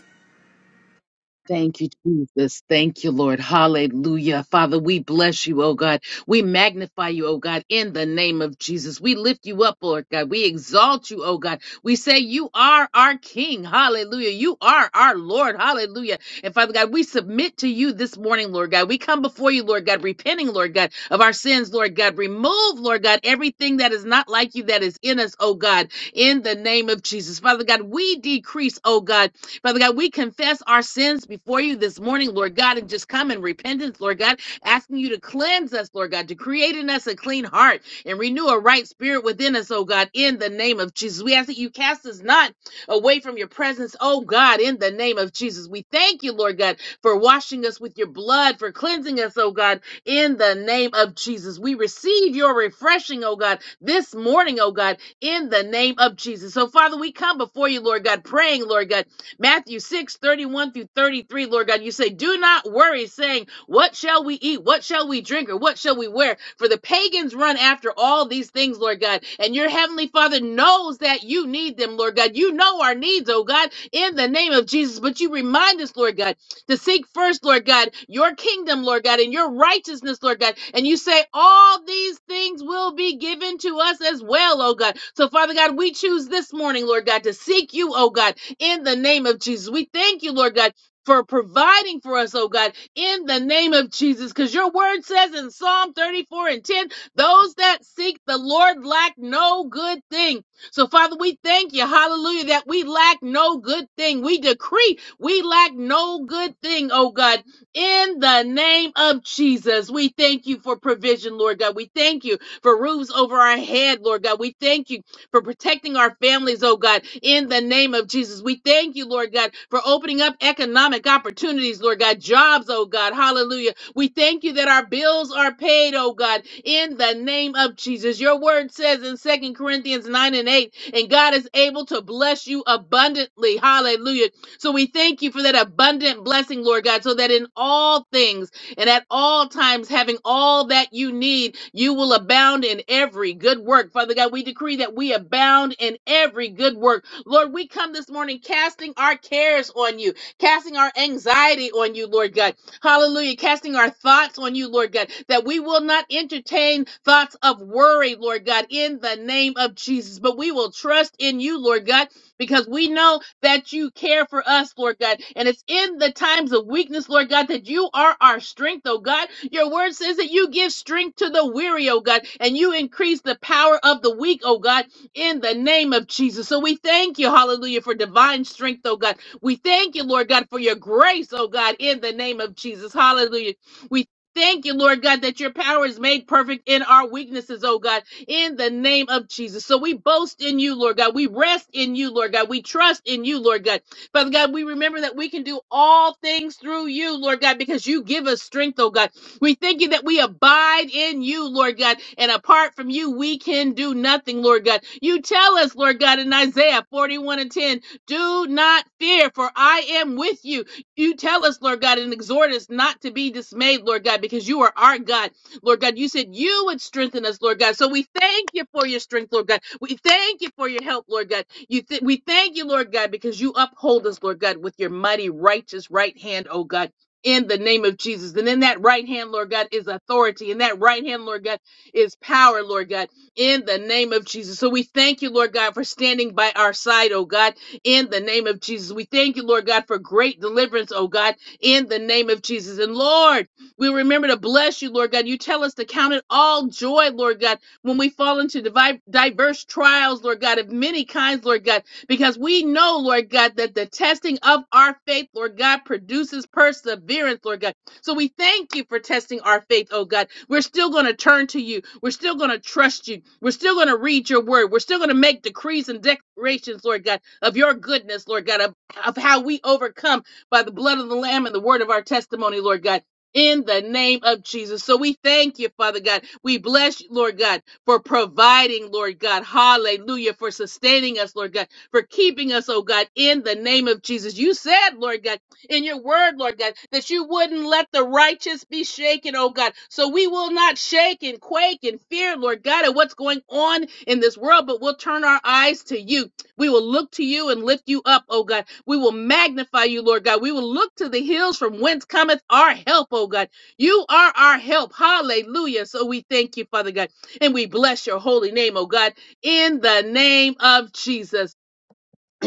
Thank you, Jesus. Thank you, Lord. Hallelujah. Father, we bless you, oh God. We magnify you, oh God, in the name of Jesus. We lift you up, Lord God. We exalt you, oh God. We say you are our King. Hallelujah. You are our Lord. Hallelujah. And Father God, we submit to you this morning, Lord God. We come before you, Lord God, repenting, Lord God, of our sins, Lord God. Remove, Lord God, everything that is not like you that is in us, oh God, in the name of Jesus. Father God, we decrease, oh God, Father God, we confess our sins before you this morning, Lord God, and just come in repentance, Lord God, asking you to cleanse us, Lord God, to create in us a clean heart and renew a right spirit within us, oh God, in the name of Jesus. We ask that you cast us not away from your presence, oh God, in the name of Jesus. We thank you, Lord God, for washing us with your blood, for cleansing us, oh God, in the name of Jesus. We receive your refreshing, oh God, this morning, oh God, in the name of Jesus. So, Father, we come before you, Lord God, praying, Lord God Matthew 6 31 through 33, Lord God, you say, Do not worry, saying, What shall we eat? What shall we drink? Or what shall we wear? For the pagans run after all these things, Lord God. And your heavenly Father knows that you need them, Lord God. You know our needs, oh God, in the name of Jesus. But you remind us, Lord God, to seek first, Lord God, your kingdom, Lord God, and your righteousness, Lord God. And you say, All these things will be given to us as well, oh God. So, Father God, we choose this morning, Lord God, to seek you, oh God in the name of Jesus. We thank you, Lord God, for providing for us, oh God, in the name of Jesus. Because your word says in Psalm 34 and 10, those that seek the Lord lack no good thing. So, Father, we thank you, hallelujah, that we lack no good thing. We decree we lack no good thing, oh God, in the name of Jesus. We thank you for provision, Lord God. We thank you for roofs over our head, Lord God. We thank you for protecting our families, oh God, in the name of Jesus. We thank you, Lord God, for opening up economic opportunities, Lord God, jobs, oh God, hallelujah. We thank you that our bills are paid, oh God, in the name of Jesus. Your word says in Second Corinthians 9 and 8, and God is able to bless you abundantly, hallelujah. So we thank you for that abundant blessing, Lord God, so that in all things, and at all times having all that you need, you will abound in every good work. Father God, we decree that we abound in every good work. Lord, we come this morning casting our cares on you, casting our anxiety on you, Lord God. Hallelujah. Casting our thoughts on you, Lord God, that we will not entertain thoughts of worry, Lord God, in the name of Jesus, but we will trust in you, Lord God, because we know that you care for us, Lord God. And it's in the times of weakness, Lord God, that you are our strength, oh God. Your word says that you give strength to the weary, oh God, and you increase the power of the weak, oh God, in the name of Jesus. So we thank you, hallelujah, for divine strength, oh God. We thank you, Lord God, for your grace, oh God, in the name of Jesus. Hallelujah. We Thank you, Lord God, that your power is made perfect in our weaknesses, oh God in the name of Jesus. So we boast in you, Lord God. We rest in you, Lord God. We trust in you, Lord God. Father God, we remember that we can do all things through you, Lord God, because you give us strength, oh God. We thank you that we abide in you, Lord God, and apart from you, we can do nothing, Lord God. You tell us, Lord God, in Isaiah 41 and 10, do not fear, for I am with you. You tell us, Lord God, and exhort us not to be dismayed, Lord God, because you are our God Lord God. You said you would strengthen us, Lord God. So we thank you for your strength, Lord God. We thank you for your help, Lord God. You th- we thank you, Lord God, because you uphold us, Lord God, with your mighty righteous right hand, oh God. In the name of Jesus. And in that right hand, Lord God, is authority. And that right hand, Lord God, is power, Lord God, in the name of Jesus. So we thank you, Lord God, for standing by our side, oh God, in the name of Jesus. We thank you, Lord God, for great deliverance, oh God, in the name of Jesus. And Lord, we remember to bless you, Lord God. You tell us to count it all joy, Lord God, when we fall into divi- diverse trials, Lord God, of many kinds, Lord God, because we know, Lord God, that the testing of our faith, Lord God, produces perseverance, Lord God. So we thank you for testing our faith, oh God. We're still going to turn to you. We're still going to trust you. We're still going to read your word. We're still going to make decrees and declarations, Lord God, of your goodness, Lord God, of, of how we overcome by the blood of the Lamb and the word of our testimony, Lord God in the name of Jesus. So we thank you, Father God. We bless you, Lord God, for providing, Lord God. Hallelujah. For sustaining us, Lord God. For keeping us, oh God, in the name of Jesus. You said, Lord God, in your word, Lord God, that you wouldn't let the righteous be shaken, oh God. So we will not shake and quake and fear, Lord God, at what's going on in this world, but we'll turn our eyes to you. We will look to you and lift you up, oh God. We will magnify you, Lord God. We will look to the hills from whence cometh our help, oh God. You are our help. Hallelujah. So we thank you, Father God, and we bless your holy name, oh God, in the name of Jesus.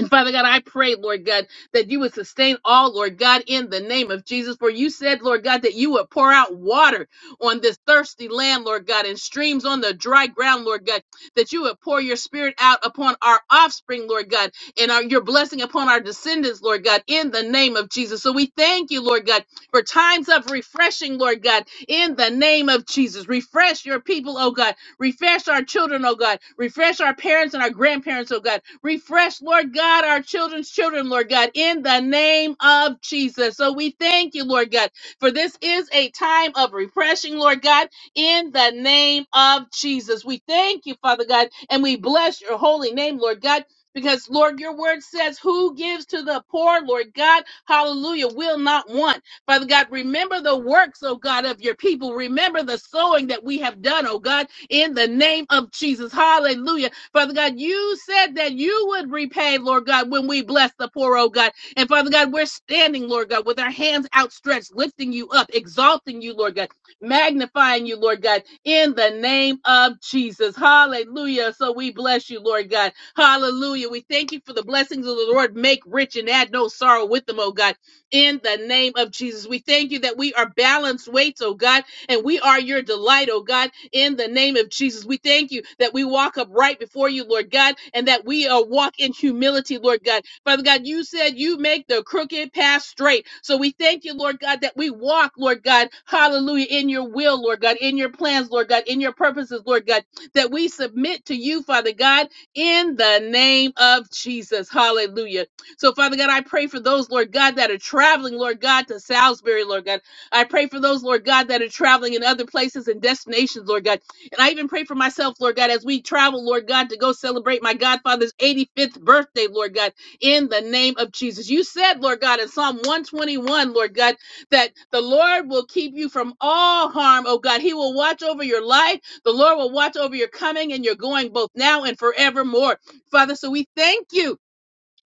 And Father God, I pray, Lord God, that you would sustain all, Lord God, in the name of Jesus. For you said, Lord God, that you would pour out water on this thirsty land, Lord God, and streams on the dry ground, Lord God, that you would pour your spirit out upon our offspring, Lord God, and our, your blessing upon our descendants, Lord God, in the name of Jesus. So we thank you, Lord God, for times of refreshing, Lord God, in the name of Jesus. Refresh your people, oh God. Refresh our children, oh God. Refresh our parents and our grandparents, oh God Refresh, Lord God, our children's children, Lord God, in the name of Jesus. So we thank you, Lord God, for this is a time of refreshing, Lord God, in the name of Jesus. We thank you, Father God, and we bless your holy name, Lord God. Because, Lord, your word says, Who gives to the poor, Lord God, hallelujah, will not want. Father God, remember the works, oh God, of your people. Remember the sowing that we have done, oh God, in the name of Jesus. Hallelujah. Father God, you said that you would repay, Lord God, when we bless the poor, oh God. And Father God, we're standing, Lord God, with our hands outstretched, lifting you up, exalting you, Lord God, magnifying you, Lord God, in the name of Jesus. Hallelujah. So we bless you, Lord God. Hallelujah. We thank you for the blessings of the Lord. Make rich and add no sorrow with them, oh God, in the name of Jesus. We thank you that we are balanced weights, oh God, and we are your delight, oh God in the name of Jesus. We thank you that we walk upright before you, Lord God, and that we are walk in humility, Lord God. Father God, you said you make the crooked path straight. So we thank you, Lord God, that we walk, Lord God, hallelujah, in your will, Lord God, in your plans, Lord God, in your purposes, Lord God, that we submit to you, Father God, in the name of Jesus. Hallelujah. So, Father God, I pray for those, Lord God, that are traveling, Lord God, to Salisbury, Lord God. I pray for those, Lord God, that are traveling in other places and destinations, Lord God. And I even pray for myself, Lord God, as we travel, Lord God, to go celebrate my Godfather's 85th birthday, Lord God, in the name of Jesus. You said, Lord God, in Psalm 121, Lord God, that the Lord will keep you from all harm, oh God. He will watch over your life. The Lord will watch over your coming and your going both now and forevermore. Father, so we thank you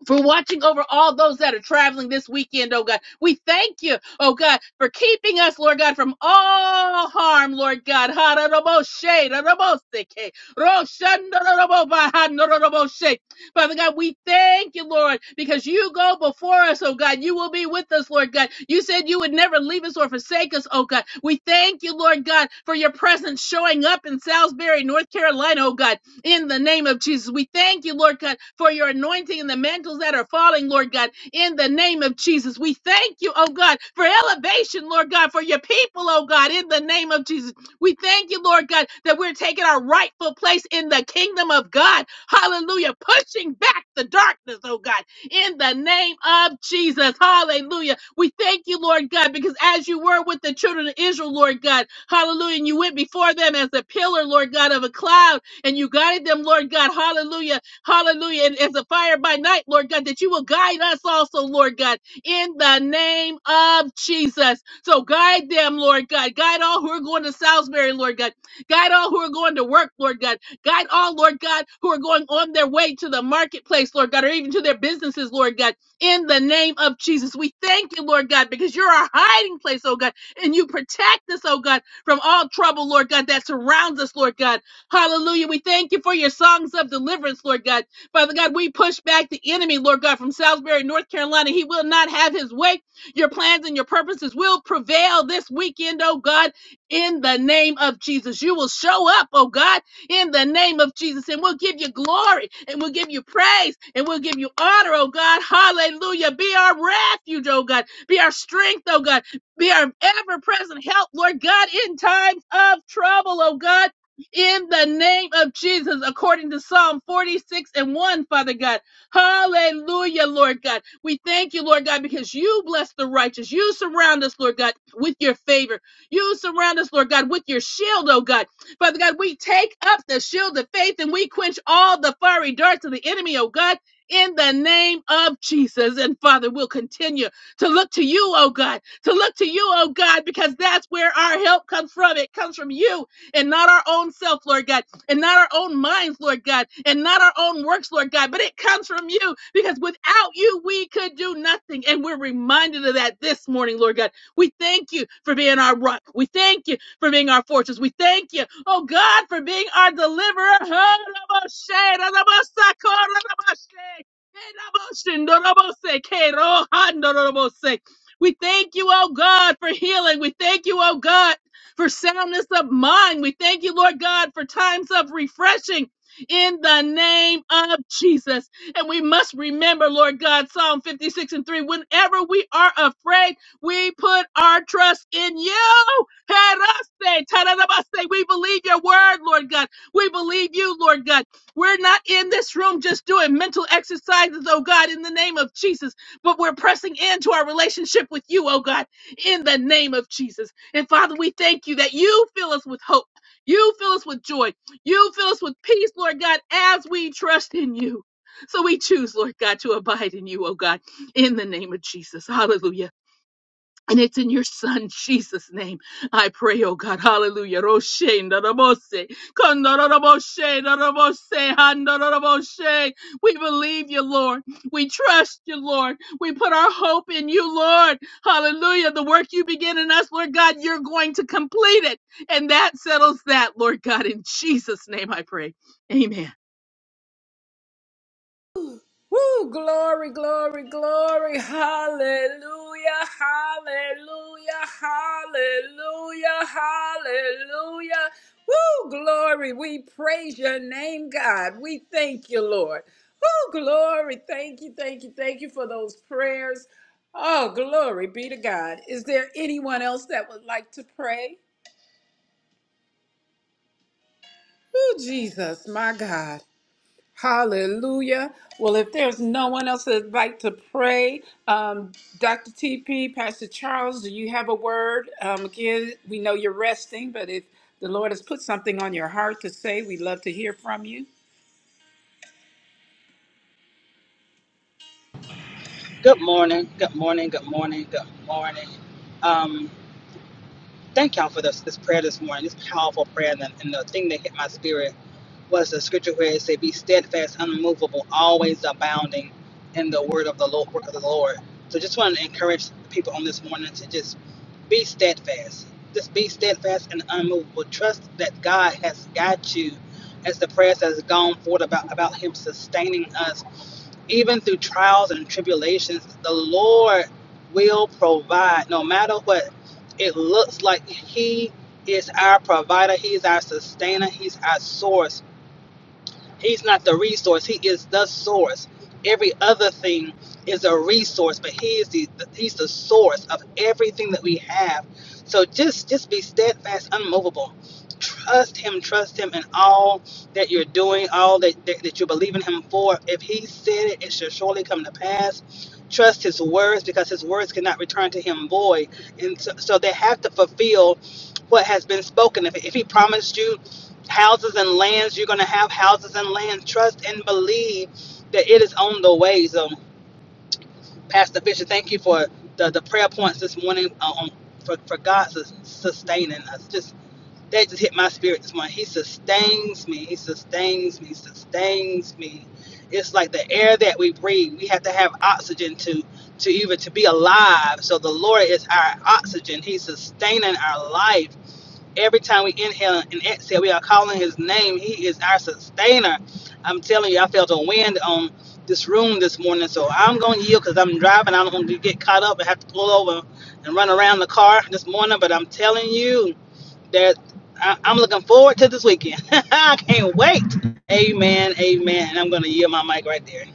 for watching over all those that are traveling this weekend, oh God. We thank you, oh God, for keeping us, Lord God, from all harm, Lord God. Father God, we thank you, Lord, because you go before us, oh God. You will be with us, Lord God. You said you would never leave us or forsake us, oh God. We thank you, Lord God, for your presence showing up in Salisbury, North Carolina, oh God in the name of Jesus. We thank you, Lord God, for your anointing and the mantles that are falling, Lord God, in the name of Jesus. We thank you, oh God, for elevation, Lord God, for your people, oh God, in the name of Jesus. We thank you, Lord God, that we're taking our rightful place in the kingdom of God. Hallelujah. Pushing back the darkness, oh God, in the name of Jesus. Hallelujah. We thank you, Lord God, because as you were with the children of Israel, Lord God, hallelujah, and you went before them as a pillar, Lord God, of a cloud and you guided them, Lord God. Hallelujah. Hallelujah. And as a fire by night, Lord God, that you will guide us also, Lord God, in the name of Jesus. So guide them, Lord God. Guide all who are going to Salisbury, Lord God. Guide all who are going to work, Lord God. Guide all, Lord God, who are going on their way to the marketplace, Lord God, or even to their businesses, Lord God, in the name of Jesus. We thank you, Lord God, because you're our hiding place, oh God, and you protect us, oh God, from all trouble, Lord God, that surrounds us, Lord God. Hallelujah. We thank you for your songs of deliverance, Lord God. Father God, we push back the enemy, Lord God, from Salisbury, North Carolina. He will not have his way. Your plans and your purposes will prevail this weekend, oh God, in the name of Jesus. You will show up, oh God, in the name of Jesus, and we'll give you glory, and we'll give you praise, and we'll give you honor, oh God. Hallelujah. Be our refuge, oh God. Be our strength, oh God. Be our ever present help, Lord God, in times of trouble, oh God in the name of Jesus, according to Psalm 46 and 1, Father God. Hallelujah, Lord God. We thank you, Lord God, because you bless the righteous. You surround us, Lord God, with your favor. You surround us, Lord God, with your shield, oh God. Father God, we take up the shield of faith and we quench all the fiery darts of the enemy, oh God. In the name of Jesus. And Father, we'll continue to look to you, oh God, to look to you, oh God, because that's where our help comes from. It comes from you and not our own self, Lord God, and not our own minds, Lord God, and not our own works, Lord God, but it comes from you because without you, we could do nothing. And we're reminded of that this morning, Lord God. We thank you for being our rock. We thank you for being our fortress. We thank you, oh God, for being our deliverer. We thank you, oh God, for healing. We thank you, oh God, for soundness of mind. We thank you, Lord God, for times of refreshing. In the name of Jesus. And we must remember, Lord God, Psalm 56 and 3 whenever we are afraid, we put our trust in you. Heraste, tararabaste. We believe your word, Lord God. We believe you, Lord God. We're not in this room just doing mental exercises, oh God, in the name of Jesus, but we're pressing into our relationship with you, oh God, in the name of Jesus. And Father, we thank you that you fill us with hope. You fill us with joy. You fill us with peace, Lord God, as we trust in you. So we choose, Lord God, to abide in you, oh God, in the name of Jesus. Hallelujah. And it's in your son Jesus' name. I pray, oh God, hallelujah. Roshe Narabose. Kondaraboshe Narabose Handaraboshe. We believe you, Lord. We trust you, Lord. We put our hope in you, Lord. Hallelujah. The work you begin in us, Lord God, you're going to complete it. And that settles that, Lord God. In Jesus' name I pray. Amen.
Woo! Glory, glory, glory. Hallelujah, hallelujah, hallelujah, hallelujah. Woo! Glory. We praise your name, God. We thank you, Lord. Woo! Glory. Thank you, thank you, thank you for those prayers. Oh, glory be to God. Is there anyone else that would like to pray? Oh, Jesus, my God. Hallelujah. Well, if there's no one else that'd like to pray, um, Dr. TP, Pastor Charles, do you have a word? Um, again, we know you're resting, but if the Lord has put something on your heart to say, we'd love to hear from you.
Good morning. Good morning. Good morning. Good morning. Um, thank y'all for this, this prayer this morning. This powerful prayer, and the, and the thing that hit my spirit was the scripture where it said, "Be steadfast, unmovable, always abounding in the word of the Lord." Work of the Lord. So, just want to encourage people on this morning to just be steadfast. Just be steadfast and unmovable. Trust that God has got you. As the prayer has gone forth about about Him sustaining us even through trials and tribulations, the Lord will provide no matter what it looks like. He is our provider, He is our sustainer, He's our source. He's not the resource. He is the source. Every other thing is a resource, but he is the he's the source of everything that we have. So just just be steadfast, unmovable. Trust him, trust him in all that you're doing, all that, that, that you believe in him for. If he said it, it shall surely come to pass. Trust his words because his words cannot return to him void. And so, so they have to fulfill what has been spoken. If, if he promised you houses and lands. You're going to have houses and land. Trust and believe that it is on the way. So, Pastor Fisher, thank you for the, the prayer points this morning uh, on, for, for God sustaining us. Just That just hit my spirit this morning. He sustains me. He sustains me. Sustains me. It's like the air that we breathe. We have to have oxygen to to even to be alive. So the Lord is our oxygen. He's sustaining our life every time we inhale and exhale, we are calling his name. He is our sustainer. I'm telling you, I felt a wind on this room this morning, so I'm going to yield because I'm driving. I don't want to get caught up and have to pull over and run around the car this morning, but I'm telling you that I- I'm looking forward to this weekend. I can't wait. Amen, amen. And I'm going to yield my mic right there.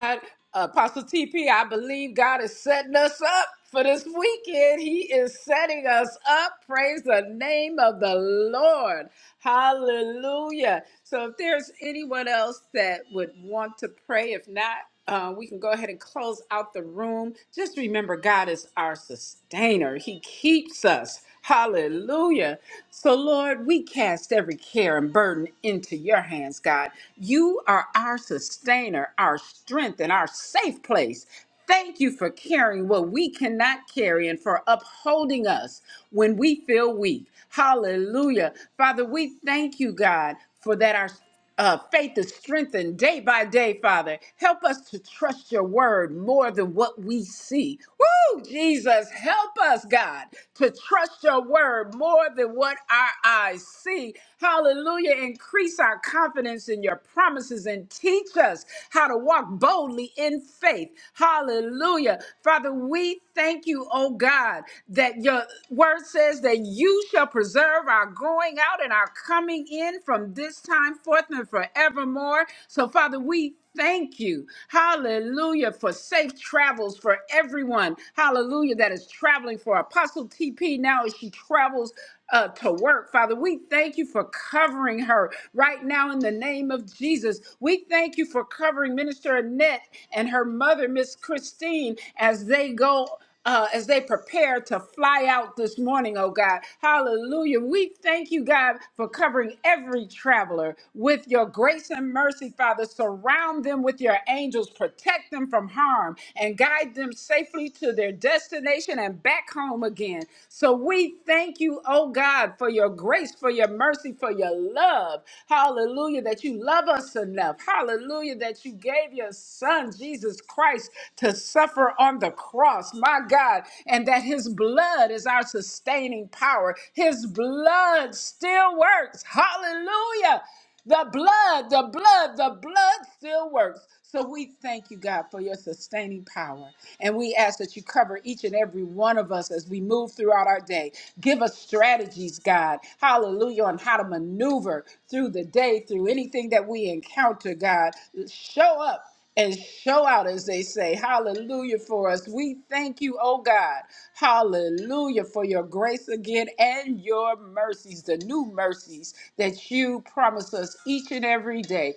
God, Apostle TP, I believe God is setting us up for this weekend. He is setting us up. Praise the name of the Lord. Hallelujah. So, if there's anyone else that would want to pray, if not, uh, we can go ahead and close out the room. Just remember, God is our sustainer, He keeps us. Hallelujah. So, Lord, we cast every care and burden into your hands, God. You are our sustainer, our strength, and our safe place. Thank you for carrying what we cannot carry and for upholding us when we feel weak. Hallelujah. Father, we thank you, God, for that our uh, faith is strengthened day by day, Father. Help us to trust your word more than what we see. Woo, Jesus, help us, God, to trust your word more than what our eyes see. Hallelujah. Increase our confidence in your promises and teach us how to walk boldly in faith. Hallelujah. Father, we thank you, oh God, that your word says that you shall preserve our going out and our coming in from this time forth and forevermore. So, Father, we thank you. Hallelujah. For safe travels for everyone. Hallelujah. That is traveling for Apostle TP now as she travels uh, to work. Father, we thank you for covering her right now in the name of Jesus. We thank you for covering Minister Annette and her mother, Miss Christine, as they go. Uh, as they prepare to fly out this morning, oh God. Hallelujah. We thank you, God, for covering every traveler with your grace and mercy, Father. Surround them with your angels, protect them from harm, and guide them safely to their destination salvation and back home again. So we thank you, oh God, for your grace, for your mercy, for your love. Hallelujah, that you love us enough. Hallelujah, that you gave your son, Jesus Christ, to suffer on the cross, my God, and that his blood is our sustaining power. His blood still works. Hallelujah. The blood, the blood, the blood still works. So we thank you, God, for your sustaining power. And we ask that you cover each and every one of us as we move throughout our day. Give us strategies, God, hallelujah, on how to maneuver through the day, through anything that we encounter, God. Show up and show out, as they say. Hallelujah for us. We thank you, oh God. Hallelujah for your grace again and your mercies, the new mercies that you promise us each and every day.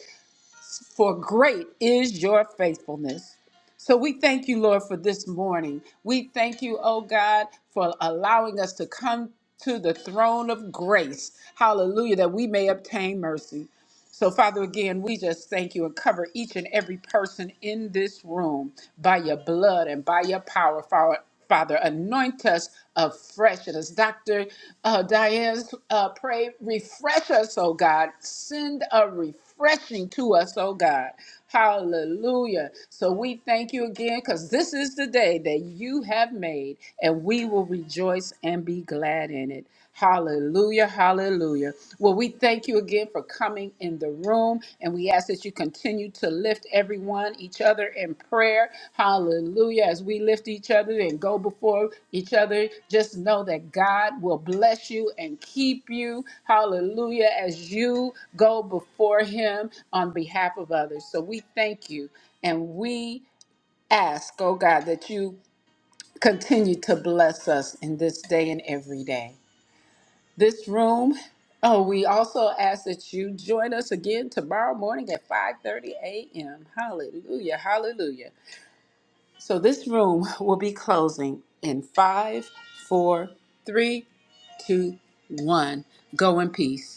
For great is your faithfulness. So we thank you, Lord, for this morning. We thank you, oh God, for allowing us to come to the throne of grace. Hallelujah, that we may obtain mercy. So, Father, again, we just thank you and cover each and every person in this room by your blood and by your power, Fa- Father. Anoint us afresh. And as Dr. Uh, Diane uh, prayed, refresh us, oh God. Send a refreshing to us, oh God. Hallelujah. So we thank you again because this is the day that you have made, and we will rejoice and be glad in it. Hallelujah, hallelujah. Well, we thank you again for coming in the room, and we ask that you continue to lift everyone, each other in prayer. Hallelujah. As we lift each other and go before each other, just know that God will bless you and keep you. Hallelujah. As you go before Him on behalf of others. So we thank you, and we ask, oh God, that you continue to bless us in this day and every day this room. Oh, we also ask that you join us again tomorrow morning at 5:30 a.m. Hallelujah. Hallelujah. So this room will be closing in five, four, three, two, one. Go in peace.